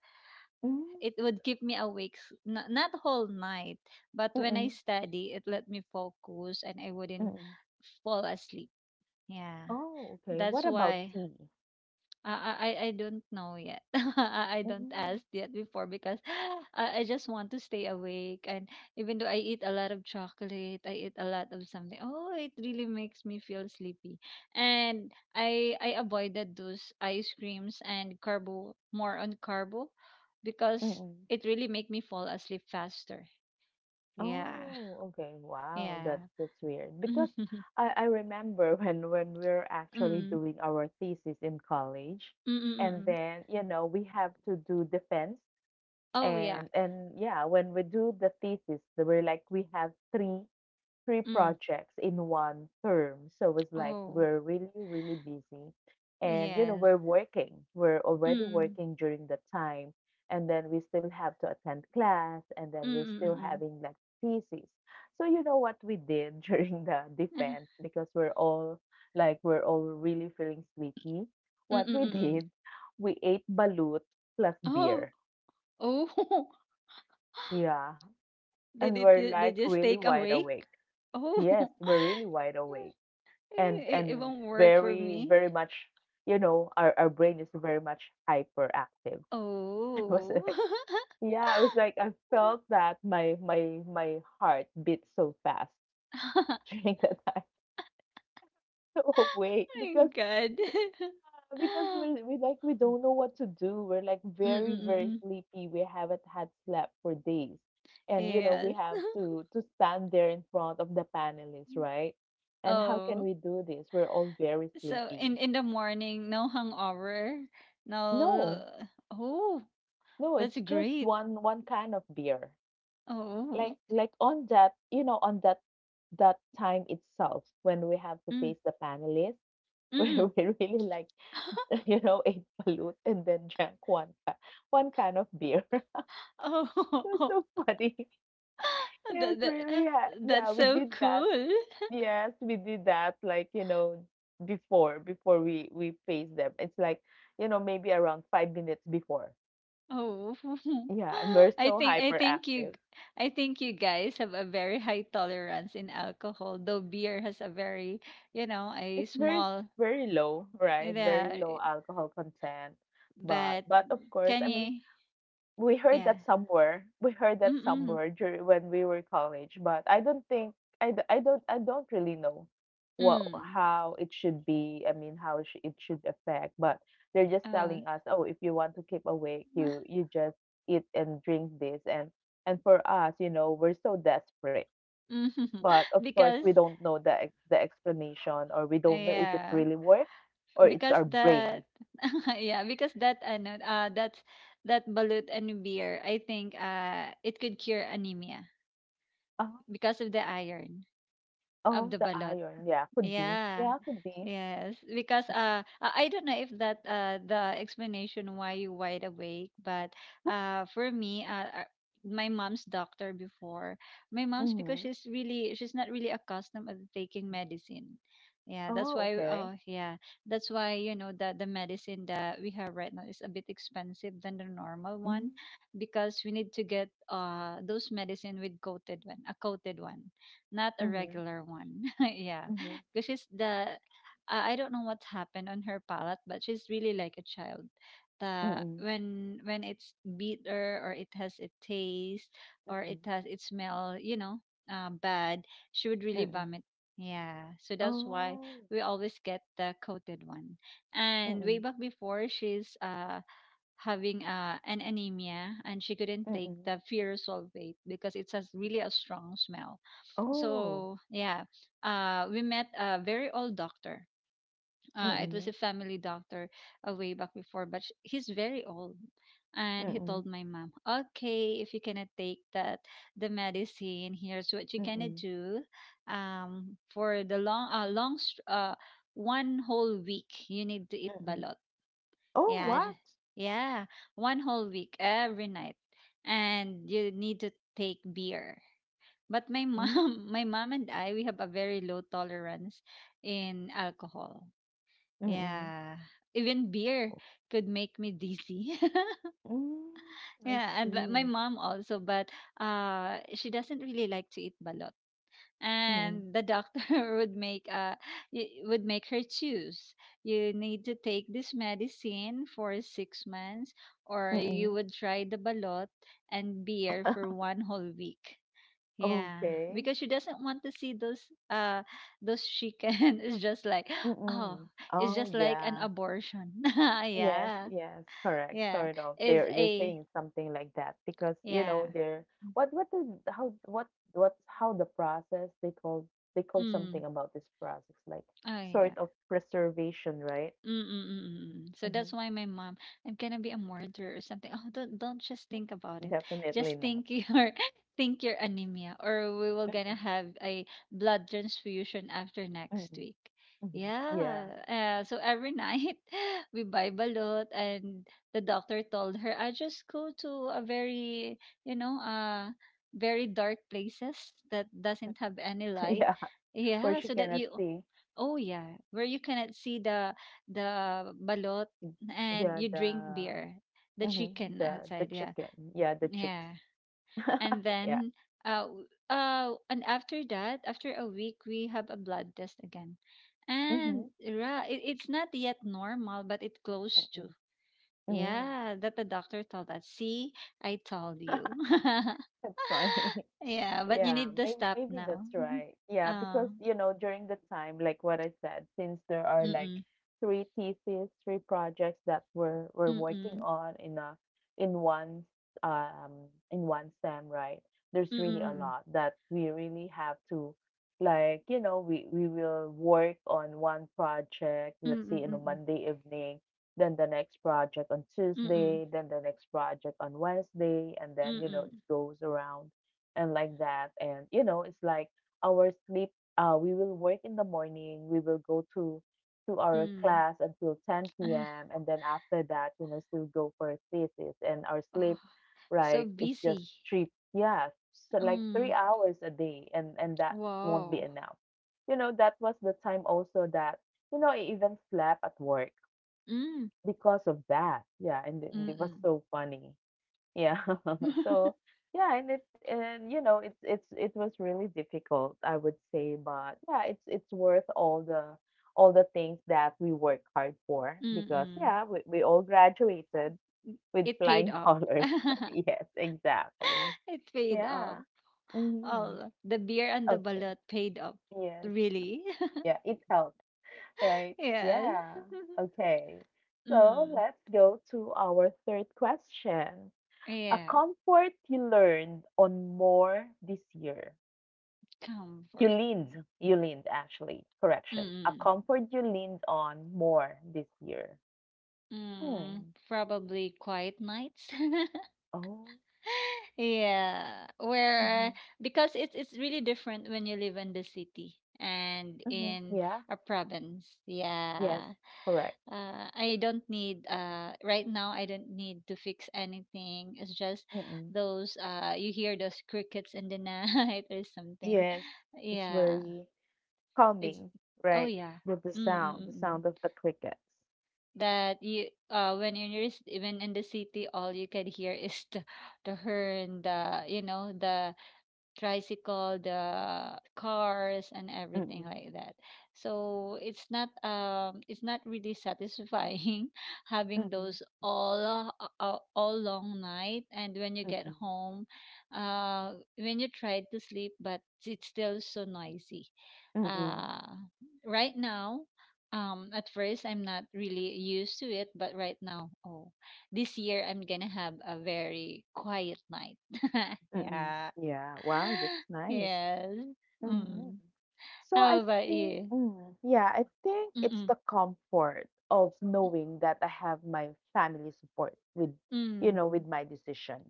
mm,
it would keep me awake, not whole night, but when I
mm-mm,
study, it let me focus and I wouldn't
mm-mm.
fall asleep. Yeah.
Oh, okay.
That's
What about
why,
tea?
uh, I don't know yet. [laughs] I don't
Mm-mm,
ask yet before because [gasps] I just want to stay awake. And even though I eat a lot of chocolate, I eat a lot of something, oh, it really makes me feel sleepy. And I avoided those ice creams and carbo, more on carbo, because
mm-mm.
it really make me fall asleep faster. Yeah,
Oh, okay. Wow,
yeah.
that's weird.
[laughs] Mm,
Because
mm,
I remember [laughs] when we are actually
mm,
doing our thesis in college,
mm.
and
Mm.
then you know we have to do defense,
Oh yeah.
and yeah, when we do the thesis, we're like we have three 3
Mm.
projects in one term. So it's like
Oh
we're really, really busy. And, you know,
yes.
we're working. We're already
Mm.
working during the time. And then we still have to attend class. And
Mm,
then we're still
mm, mm.
having like thesis. So, you know what we did [laughs] during the defense, because we're all like, we're all really feeling sleepy.
Mm,
What
mm,
we
mm. [laughs]
did, we ate balut plus
Oh,
beer.
oh. [laughs]
Yeah.
Did
And
it
we're
ju they
like
just
really
take
wide awake.
awake? Oh.
Yes,
[laughs]
we're really wide awake, and
It
and
won't work for
very
me.
very much, you know, our brain is very much hyperactive. [laughs] It was
Oh.
like,
[laughs]
yeah, I was like, I felt that my heart beat so fast
[laughs]
[laughs] during that time [laughs] of wait
My
because
God.
yeah, because
[laughs]
we like we don't know what to do, we're like
Mm,
very
mm,
very
mm.
sleepy, we haven't had slept for days, and you know we
Yes.
have to stand there in front of the panelists,
[laughs]
right? And how can
Oh,
we do this, we're all very
so
sleepy.
in the morning, no hangover, no.
no
Oh,
No,
that's
it's just
great.
one can of beer. Like
Oh,
like on that, you know, on that time itself when we have to
mm,
face the panelists, [laughs]
mm.
where we really like,
[laughs]
[laughs] you know, ate balut and then drank one can of beer. [laughs] It was
Oh,
so funny. [laughs]
[laughs]
Yes,
that, that
really. Yeah,
that's
we
so
did that.
cool.
Yes, we did that. Like, you know, before we face them. It's like, you know, maybe around 5 minutes before.
Oh, [laughs]
Yeah, and we're
I
so
think I think you
hyperactive.
I think you guys have a very high tolerance in alcohol, though beer has a very, a
It's very s
small,
very low, right? Very
yeah,
low alcohol content. But
but
but of course,
can
I mean,
you,
we heard
yeah.
that somewhere. [laughs] We heard
Mm,
that
mm.
somewhere during when we were college, but I don't think I don't really know what
Mm.
how it should be. I mean, how sh it should affect, but they're just
Oh.
telling us, "Oh, if you want to keep awake, you just eat and drink this." And for us, you know, we're so desperate,
[laughs] Mhm.
but of course, we
Because,
don't know the explanation, or we don't know if it
yeah.
really worked, or it's
because
our brain.
that [laughs] yeah because that ano that's that balut and beer, I think it could cure anemia
Oh,
because of the iron of
oh,
the
the
balut.
iron. Yeah, could be.
Yeah.
Yeah, could be.
Yes, because, I don't know if that, the explanation why you wide awake, but for me, my mom's doctor before, my mom's because
Mm-hmm.
she's not really accustomed of taking medicine. Yeah, that's
Oh,
why,
okay.
oh yeah, that's why you know that the medicine that we have right now is a bit expensive than the normal
Mm-hmm.
one because we need to get those medicine with coated one, not a
Mm-hmm.
regular one. [laughs] Yeah,
Mm-hmm.
because she's the I don't know what happened on her palate, but she's really like a child. The
Mm-hmm.
when it's bitter or it has a taste or
Mm-hmm.
it has it smell, bad, she would really
Mm-hmm.
vomit. Yeah, so that's why
Oh.
we always get the coated one. And way
Mm-hmm.
back before, she's having, an anemia and she couldn't take
Mm-hmm.
the ferrous sulfate because it has really a strong smell.
Oh.
So yeah, we met a very old doctor. It
Mm-hmm.
was a family doctor, way back before, but he's very old. And he
Mm-hmm.
told my mom, okay, if you cannot take that, the medicine, here's what you gonna
Mm-hmm.
do. For the long, one whole week you need to eat
Mm-hmm.
balot.
Oh,
yeah
what?
j- yeah, one whole week, every night, and you need to take beer. But my
Mm-hmm.
mom, [laughs] my mom and I, we have a very low tolerance in alcohol.
Mm-hmm.
Yeah. Even beer could make me dizzy. [laughs]
Mm-hmm. I
Yeah, and but my
see.
mom also, but she doesn't really like to eat balot.
Mm-hmm.
And the doctor [laughs] would make uh would make her choose. You need to take this medicine for 6 months or you
Mm-hmm.
would try the balot and beer for one whole week. Yeah,
Okay.
because she doesn't want to see those, uh those chicken. [laughs] It's just like, oh,
Mm-mm.
it's
Oh,
just like an
yeah.
abortion. [laughs]
Yes,
Yeah,
yes, correct.
yeah,
Sort of.
it's
They're
a
saying something like that because, you know,
yeah.
they're what the how what how the process they called something
Mm.
about this process, like
Oh
sort
yeah.
of preservation, right?
Mm, mm, mm. So
Hmm.
that's why my mom, I'm gonna be a martyr or something. Oh, don't just think about it.
Definitely
Just
not.
think your [laughs] think your anemia, or we will gonna
Mm-mm.
have a blood transfusion after next
Mm-mm.
week.
Mm-mm. Yeah.
Yeah. So every night [laughs] we buy balot, and the doctor told her, I just go to a very, you know, uh, very dark places that doesn't have any
[laughs]
light.
Yeah, where
Yeah,
she
so that
cannot
you.
see.
Oh yeah, where you cannot see the balot, and
Yeah,
you drink
the
beer, the
mhm,
chicken
the
outside. Yeah,
chicken. Yeah, the chicks.
yeah. And
Yeah.
then and after that, after a week, we have a blood test again.
Mm-hmm.
And it's not yet normal, but it close to.
Mm-mm. Mm.
Yeah, that the doctor told us. See, I told
[laughs]
you. [laughs]
That's funny.
Yeah, but you
Yeah,
need to
maybe
stop
maybe
now.
that's right.
[laughs]
Yeah,
uh,
because you know, during the time, like what I said, since there are
mm,
like
mm,
three theses, three projects that we're
mm,
working
mm,
on in one in one STEM, right? There's
mm,
really a lot
mm.
that we really have to, like, you know, we will work on one project,
Mm,
let's say
mm,
on a
mm,
Monday evening, then the next project on
mm,
Tuesday, then the next project on Wednesday, and then, you know, it
mm,
goes around and like that. And you know, it's like our sleep. We will work in the morning. We will go to our
mm.
class until 10
Ah,
p.m. and then after that, you know, still go for a thesis and our sleep.
oh, so
Like it's just
busy.
three, yeah, so like three
Um,
hours a day, and that won't be
wow.
enough. You know, that was the time also that you know I even slept at work
Mm,
because of that. Yeah, and it
mm,
it was
mm.
so funny. Yeah. [laughs] So yeah, and it and you know it was really difficult, I would say, but yeah, it's worth all the things that we work hard for
Mm,
because
mm.
yeah, we all graduated
[laughs]
with
It paid
flying
off.
colors. [laughs]
[laughs]
Yes, exactly.
It paid off.
Yeah. Hmm.
Oh, the beer and the
Okay.
balut paid off.
Yes.
Really? [laughs]
Yeah, it helped, right?
Yes.
Yeah.
[laughs]
Okay. So
Mm,
let's go to our third question. A
yeah,
comfort you learned on more this year. You
comfort.
leaned, you leaned, actually, correction. A
Mm,
comfort you leaned on more this year.
mm.
Hmm.
Probably quiet nights. [laughs]
Oh.
Yeah,
Mm-hmm.
where, because it's really different when you live in the city and
Mm-hmm.
in
Yeah.
a province,
Yes.
yeah.
Correct.
I don't need right now I don't need to fix anything. It's just
Mm-mm.
those, you hear those crickets in the [laughs] night or something,
Yes. It's
yeah.
very
it's
calming,
Oh
right?
yeah.
With the
Mm-mm-mm.
sound of the crickets.
That you, when you're, even in the city, all you can hear is the horn, the you know the tricycle, the cars and everything
Mm-mm.
like that. So it's not really satisfying, [laughs] having
Mm-mm.
those all, all long night, and when you get
Mm-mm.
home, when you try to sleep, but it's still so noisy.
Mm-mm.
Uh right now, at first I'm not really used to it, but right now, oh, this year I'm going to have a very quiet night. [laughs]
Mm-mm.
Yeah.
Yeah. Wow.
[laughs]
That's nice.
Yes.
Mm-hmm.
Mm.
So I
How about
think,
you?
mm, yeah, I think it's
Mm-mm.
the comfort of knowing that I have my family support with, you know,
Mm.
with my decision,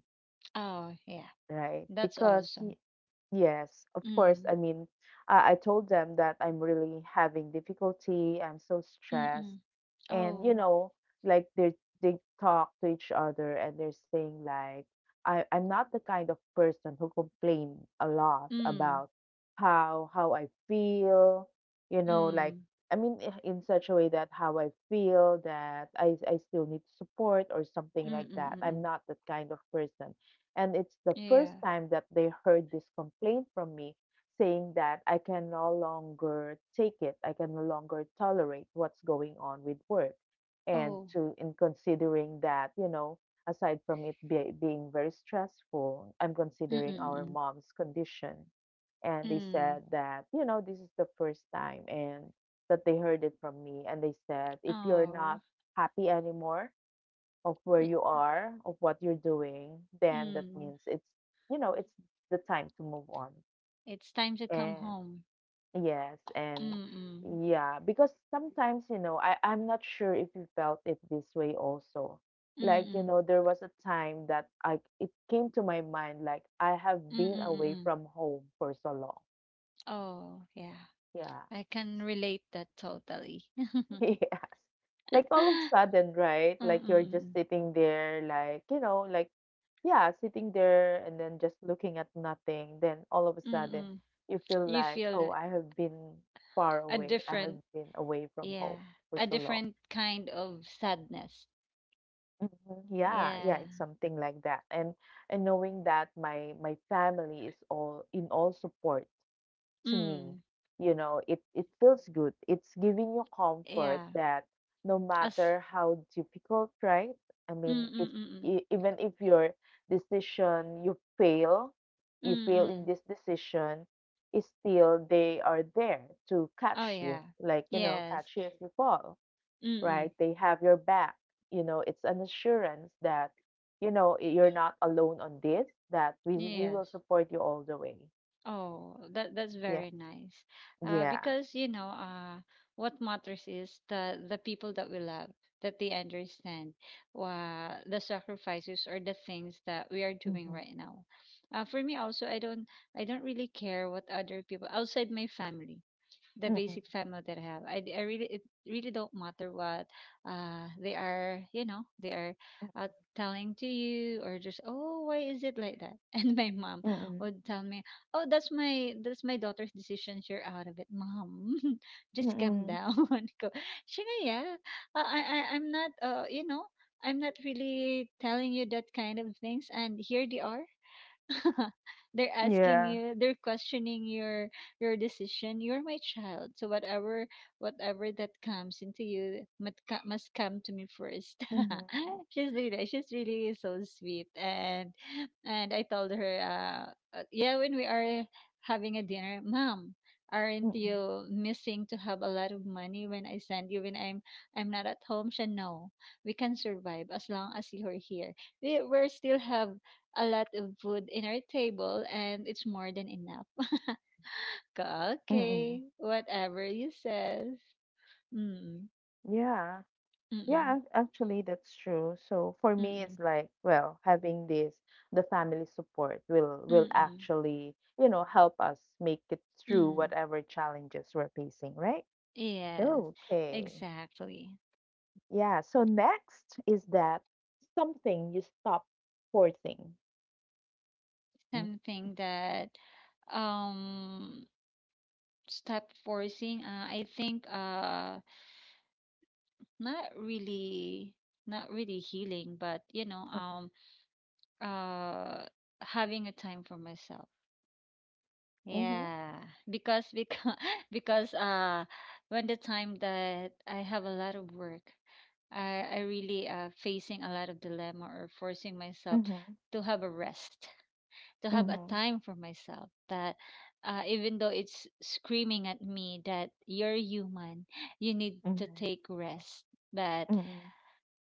Oh, yeah.
right?
That's
Because,
awesome.
yes, of course,
Mm.
I mean, I told them that I'm really having difficulty, I'm so stressed,
Mm-mm.
and you
Oh.
know, like, they talk to each other, and they're saying like, I'm not the kind of person who complain a lot
Mm.
about how I feel, you know, like,
Mm.
I mean, in such a way that how I feel that I still need support or something like that. I'm
Mm-mm-mm.
not that kind of person, and it's the first
Yeah.
time that they heard this complaint from me, saying that I can no longer take it, I can no longer tolerate what's going on with work. And
Oh.
to in considering that, you know, aside from being very stressful, I'm considering our
Mm-mm.
mom's condition. And they
Mm.
said that, you know, this is the first time and that they heard it from me. And they said, if you're
Oh.
not happy anymore of where
Y-
you are, of what you're doing, then that
Mm.
means it's, you know, it's the time to move on.
It's time to come
And
home.
yes, and
Mm-mm.
yeah, because sometimes, you know, I'm not sure if you felt it this way also. Like, you
Mm-mm.
know, there was a time that I it came to my mind, like I have been away
Mm-mm-mm.
from home for so long.
Oh, yeah.
Yeah.
I can relate that totally. [laughs]
[laughs] Yes. Like all of a sudden, right? Like you're just
Mm-mm-mm.
sitting there, like, you know, like, yeah, sitting there and then just looking at nothing. Then all of a sudden,
Mm-mm.
you feel
You
like,
feel
oh,
that
I have been far
A
away. I have
different,
been away from home
yeah,
for
a
so long.
different kind of sadness.
Mhm. Yeah,
Yeah.
yeah, it's something like that. And knowing that my family is all in all support to me.
Mm.
You know, it feels good. It's giving you comfort
Yeah.
that no
As
matter how difficult, right? I
Mm,
mean,
mm,
if
mm, mm.
e- even if your decision you
Mm,
fail in
mm.
this decision, is still they are there to
Oh
catch you.
yeah.
Like, you know,
Yes.
catch you if you fall,
Mm,
right?
mm.
They have your back. You know, it's an assurance that you know you're not alone on this that we will
Yes.
support you all the way,
Oh, that's
yeah,
very nice.
yeah.
Because, what matters is the people that we love, that they understand the sacrifices or the things that we are doing right now. For me also, I don't really care what other people outside my family, the
Mm-mm,
basic family that I have. I really It really don't matter what they are uh, telling to you, or just, oh, why is it like that? [laughs] And my mom
mm-mm,
would tell me, oh, that's my daughter's decision. You're out of it, mom. [laughs] Just calm
mm-mm.
down. [laughs] Go, Shina, yeah, I'm not. I'm not really telling you that kind of things, and here they are. [laughs] They're asking
Yeah.
you, they're questioning your decision. You're my child, so whatever whatever that comes into you must must come to me first.
Mm-hmm,
[laughs] She's really so sweet. And I told her yeah, when we are having a dinner, mom, aren't
mm-mm,
you missing to have a lot of money when I send you, when I'm not at home? She, no, we can survive as long as you're here. We still have a lot of food in our table, and it's more than enough. [laughs] Go,
mm-mm.
okay, whatever you says. Mm,
Yeah.
mm-mm,
Actually, that's true. So for me, it's
mm-mm,
like, well, having this, the family support will
mm
actually, you know, help us make it through
mm.
whatever challenges we're facing, right?
Yes,
Okay.
exactly.
Yeah. So next is that something you stop forcing. Mm-hmm.
Something that um stop forcing, I think, not really, not really healing, but uh having a time for myself.
Mm-hmm.
Yeah, because [laughs] because when the time that I have a lot of work, I really, facing a lot of dilemma or forcing myself
Mm-hmm.
to have a rest, to have a
Mm-hmm.
time for myself. That, even though it's screaming at me that you're human, you need to
Mm-hmm.
take rest. But
Mm-hmm.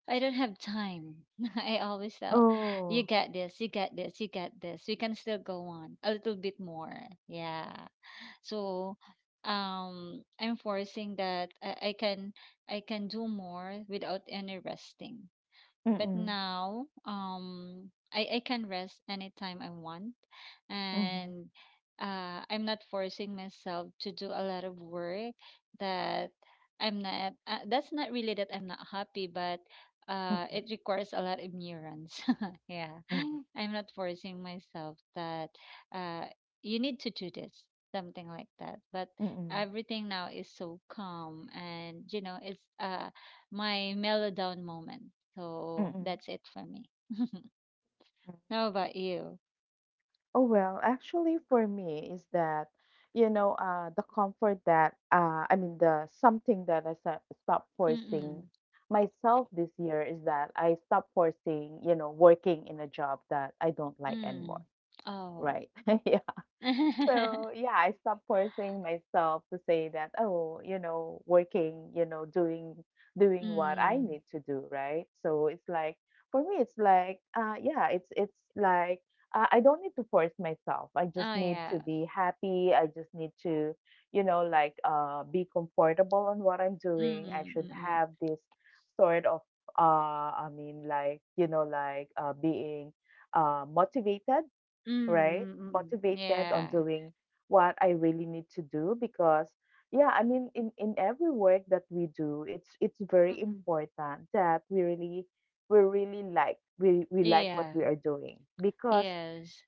I don't have time. [laughs] I always tell, you
Oh.
got this, you got this, you got this. We can still go on a little bit more. Yeah. So I'm forcing that I can, I can do more without any resting. But
Mm,
now, I can rest anytime I want.
mhm,
And I'm not forcing myself to do a lot of work that I'm not, that's not really that I'm not happy, but
mm,
it requires a lot of neurons. [laughs] Yeah.
mm,
I'm not forcing myself that, uh, you need to do this, something like that. But
mm,
everything now is so calm and, you know, it's my mellow down moment.
mm,
So
mm.
that's it for me. How about you?
Oh, well, actually for me is that, the comfort that, I mean, the something that stopped forcing
Mm-mm.
myself this year is that I stopped forcing, you know, working in a job that I don't like anymore,
Mm. Oh.
right? [laughs] Yeah.
[laughs]
So yeah, I stopped forcing myself to say that, oh, you know, working, you know, doing what I
Mm.
need to do, right? So it's like for me it's like yeah, it's like I don't need to force myself. I
Oh
just need
yeah.
to be happy. I just need to, you know, like be comfortable on what I'm doing. I
Mm-mm.
should
Mm-mm.
have this sort of I mean like, you know, like being motivated, right?
Mm-mm. Mm-mm.
Motivated on
Yeah.
doing what I really need to do because yeah, I mean in every work that we do, it's very
Mm-mm.
important that we really we like what we
Yeah.
are doing because
Yes.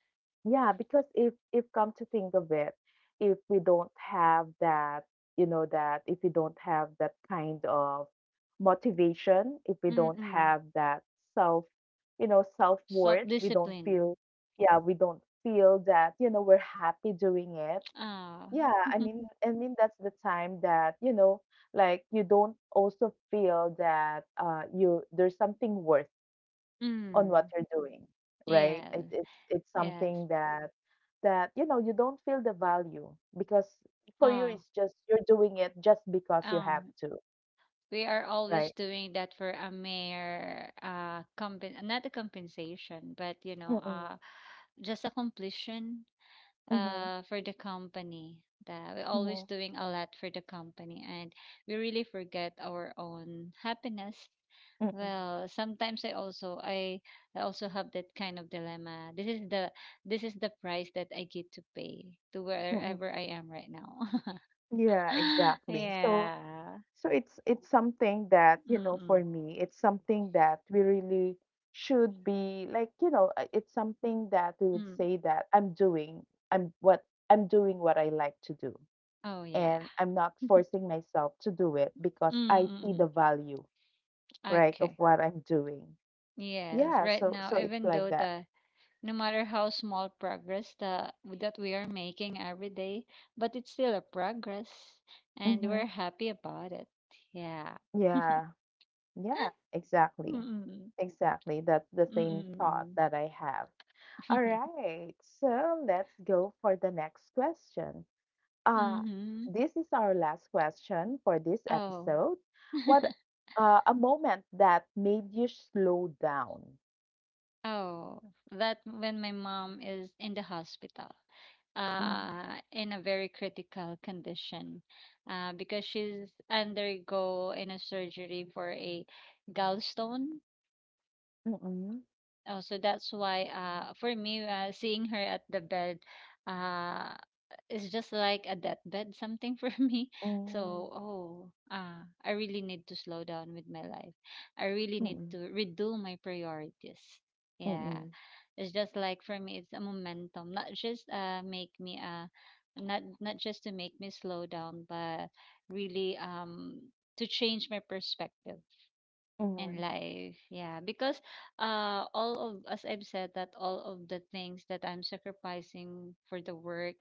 yeah, because if come to think of it, if we don't have that, you know, that if we don't have that kind of motivation, if we don't
Mm-mm.
have that self, you know, self-worth, we don't
Self-discipline.
feel, yeah, we don't feel that, you know, we're happy doing it.
Ah.
Yeah,
[laughs]
I mean that's the time that, you know, like you don't also feel that you there's something worth on
Mm.
what you're doing, right?
Yes.
It's
Yes.
something that you know you don't feel the value because for you
Oh.
it's just you're doing it just because you have
Oh.
to,
We are
right?
always doing that for a mere, not a compensation, but
Mm-mm.
just a completion,
Mm-hmm.
for the company, that we're always
Mm-hmm.
doing a lot for the company. And we really forget our own happiness.
Mm-mm.
Well, sometimes I also have that kind of dilemma. This is the price that I get to pay to
Mm-mm.
wherever I am right now.
Yeah,
[laughs]
exactly. So
Yeah.
so it's something that you know for me it's something that we really should be like you know it's something that we would
Mm-mm.
say that I'm what I'm doing what I like to do
Oh yeah.
and I'm not
[laughs]
forcing myself to do it because I see the
Mm-mm.
value, right, of
Okay.
what I'm doing.
Yes.
Yeah,
Right
so
now,
so it's
even
like
though
that.
the no matter how small progress the that we are making every day, but it's still a progress, and
Mm-hmm.
we're happy about it. Yeah.
Yeah, yeah,
[gasps] [laughs]
exactly.
Mm-mm.
Exactly. That's the same thought
Mm-mm.
that I have. All
[laughs]
right, so let's go for the next question. Uh,
Mm-hmm.
this is our last question for this
Oh.
episode. What a moment that made you slow down?
Oh, that when my mom is in the hospital,
Mm-mm,
in a very critical condition, because she's undergo in a surgery for a gallstone.
mm-mm,
Oh, so that's why, for me, seeing her at the bed, uh is just like a deathbed something for [laughs] me. So,
mm,
oh, I really need to slow down with my life. I really need
mm-mm.
to redo my priorities. Yeah.
Mm,
It's just like for me it's a momentum, not just make me not just to make me slow down, but really, to change my perspective in
mhm,
life. Yeah, because all of, as I've said, that all of the things that I'm sacrificing for the work,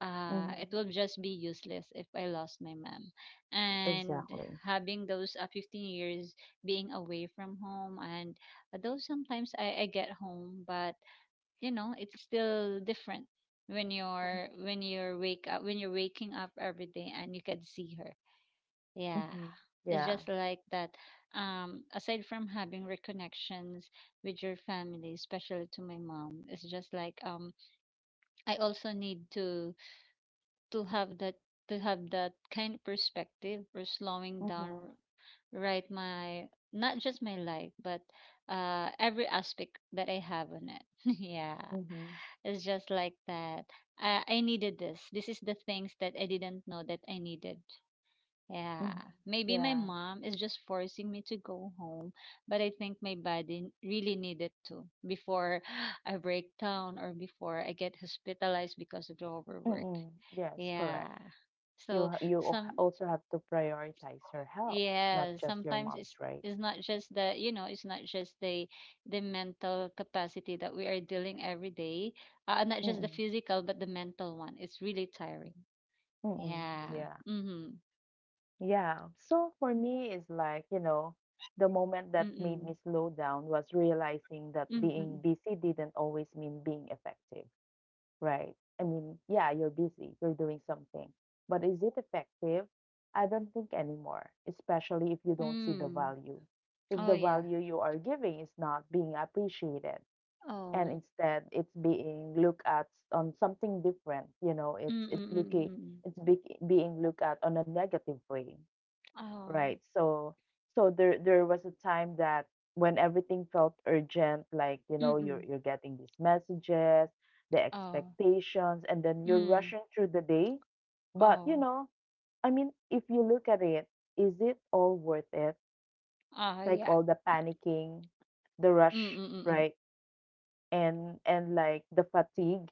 mhm.
it will just be useless if I lost my mom. And
Exactly.
having those 15 years being away from home, and though sometimes I get home, but you know, it's still different when
Mm,
you're waking up every day and you can see her. Yeah,
mhm.
it's
Yeah.
just like that. Aside from having reconnections with your family, especially to my mom, it's just like, I also need to have that, to have that kind of perspective or slowing
Mhm,
down, right? My Not just my life, but, every aspect that I have on it. [laughs] Yeah,
mhm,
it's just like that. I needed this. This is the things that I didn't know that I needed. Yeah,
mhm.
maybe my
Yeah.
mom is just forcing me to go home, but I think my body really needed to before [gasps] I break down or before I get hospitalized because of the overwork.
Mm, yes, correct.
Yeah.
You
So
ha you al-
some
also have to prioritize your health, not
yeah,
just your
sometimes it's
mom's, right?
it's not just the, you know, it's not just the mental capacity that we are dealing every day, not just the
Mm,
physical but the mental one. It's really tiring.
mm.
Yeah.
Yeah.
Mhm.
Yeah. So for me, it's like, you know, the moment that made me
Mm.
slow down was realizing that
Mm.
being
Mm.
busy didn't always mean being effective. Right. I mean, yeah, you're busy, you're doing something. But is it effective? I don't think anymore, especially if you don't see the
Mm.
value. If
Oh,
the
yeah.
value you are giving is not being appreciated and
Oh.
instead it's being looked at on something different, you know, it's
Mm,
it's
mm, mm,
looking
mm, mm.
it's be, being looked at on a negative way.
Oh.
Right. So so there was a time that when everything felt urgent, like you
Mm,
know, you're
mm.
you're getting these messages, the
Oh.
expectations, and then you're
Mm.
rushing through the day. But you
Oh.
know, I mean, if you look at it, is it all worth it?
Ah,
Like
yeah.
all the panicking, the
Mm,
rush,
mm, mm, mm.
right? And like the fatigue,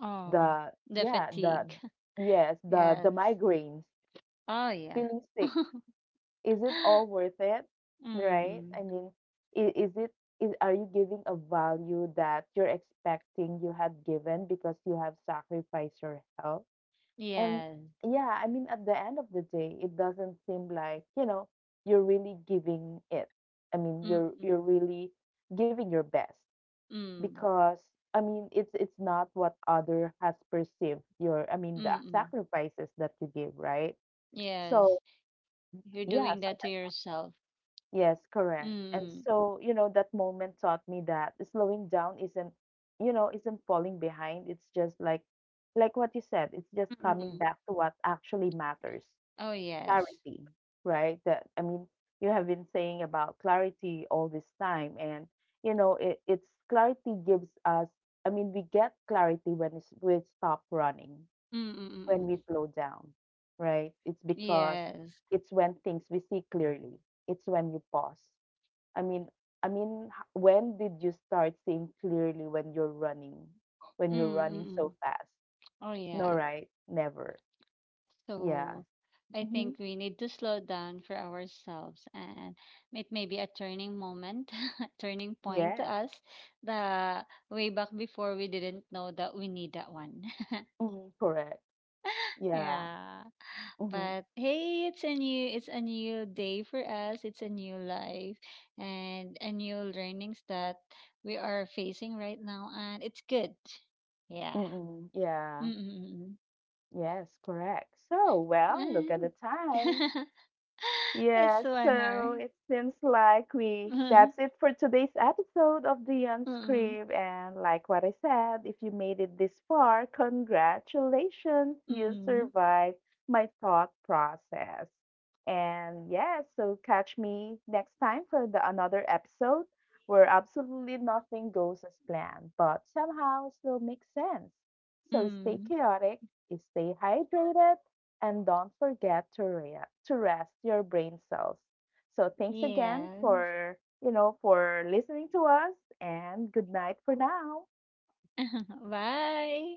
Oh.
the
The
yeah, the
fatigue. [laughs]
yes, the
Yes.
migraines,
Oh, yeah.
feeling sick.
[laughs]
Is it all worth it, right? I
Mm-mm.
mean, is it, is are you giving a value that you're expecting you had given because you have sacrificed your health, and
Yes.
yeah, I mean at the end of the day it doesn't seem like you know you're really giving it. I mean you're
Mm-mm.
really giving your best
Mm.
because I mean it's not what other has perceived your I mean the
Mm-mm.
sacrifices that you give, right?
Yes.
So
You're
yeah,
doing
so
that to yourself.
yes, correct. And
Mm.
so, you know, that moment taught me that slowing down isn't, you know, isn't falling behind. It's just like what you said, it's just coming
Mm-mm.
back to what actually matters,
Oh, yes.
clarity, right? That, I mean, you have been saying about clarity all this time. And, you know, it's clarity gives us, I mean, we get clarity when we stop running,
Mm-mm.
when we slow down, right? It's because
Yes.
it's when things we see clearly, it's when you pause, I mean, I mean, when did you start seeing clearly when you're running
Mm-mm.
so fast?
Oh,
No,
yeah.
right? Never. Yeah.
So I
Hmm.
think we need to slow down for ourselves, and it may be a turning moment, [laughs] a turning point to
Yes.
us. The way back before, we didn't know that we need that one.
Hmm. Correct.
[laughs]
Yeah.
Yeah.
Hmm.
But hey, it's a new, day for us. It's a new life and a new learnings that we are facing right now, and it's good. Yeah.
Mm-mm. Yeah.
Mm-mm.
Yes. Correct. So, well, look at
And
the time.
[laughs]
Yeah,
it's one
so
hour.
it seems like we that's
[laughs]
it for today's episode of the
Mm,
Unscript. And like what I said, if you made it this far, congratulations, you
mm,
survived my thought process. And yeah, so catch me next time for the another episode where absolutely nothing goes as planned, but somehow still makes sense. So stay
mm.
chaotic, stay hydrated and don't forget to, to rest your brain cells. So thanks again
Yes.
for, you know, for listening to us and good night for now.
[laughs] Bye.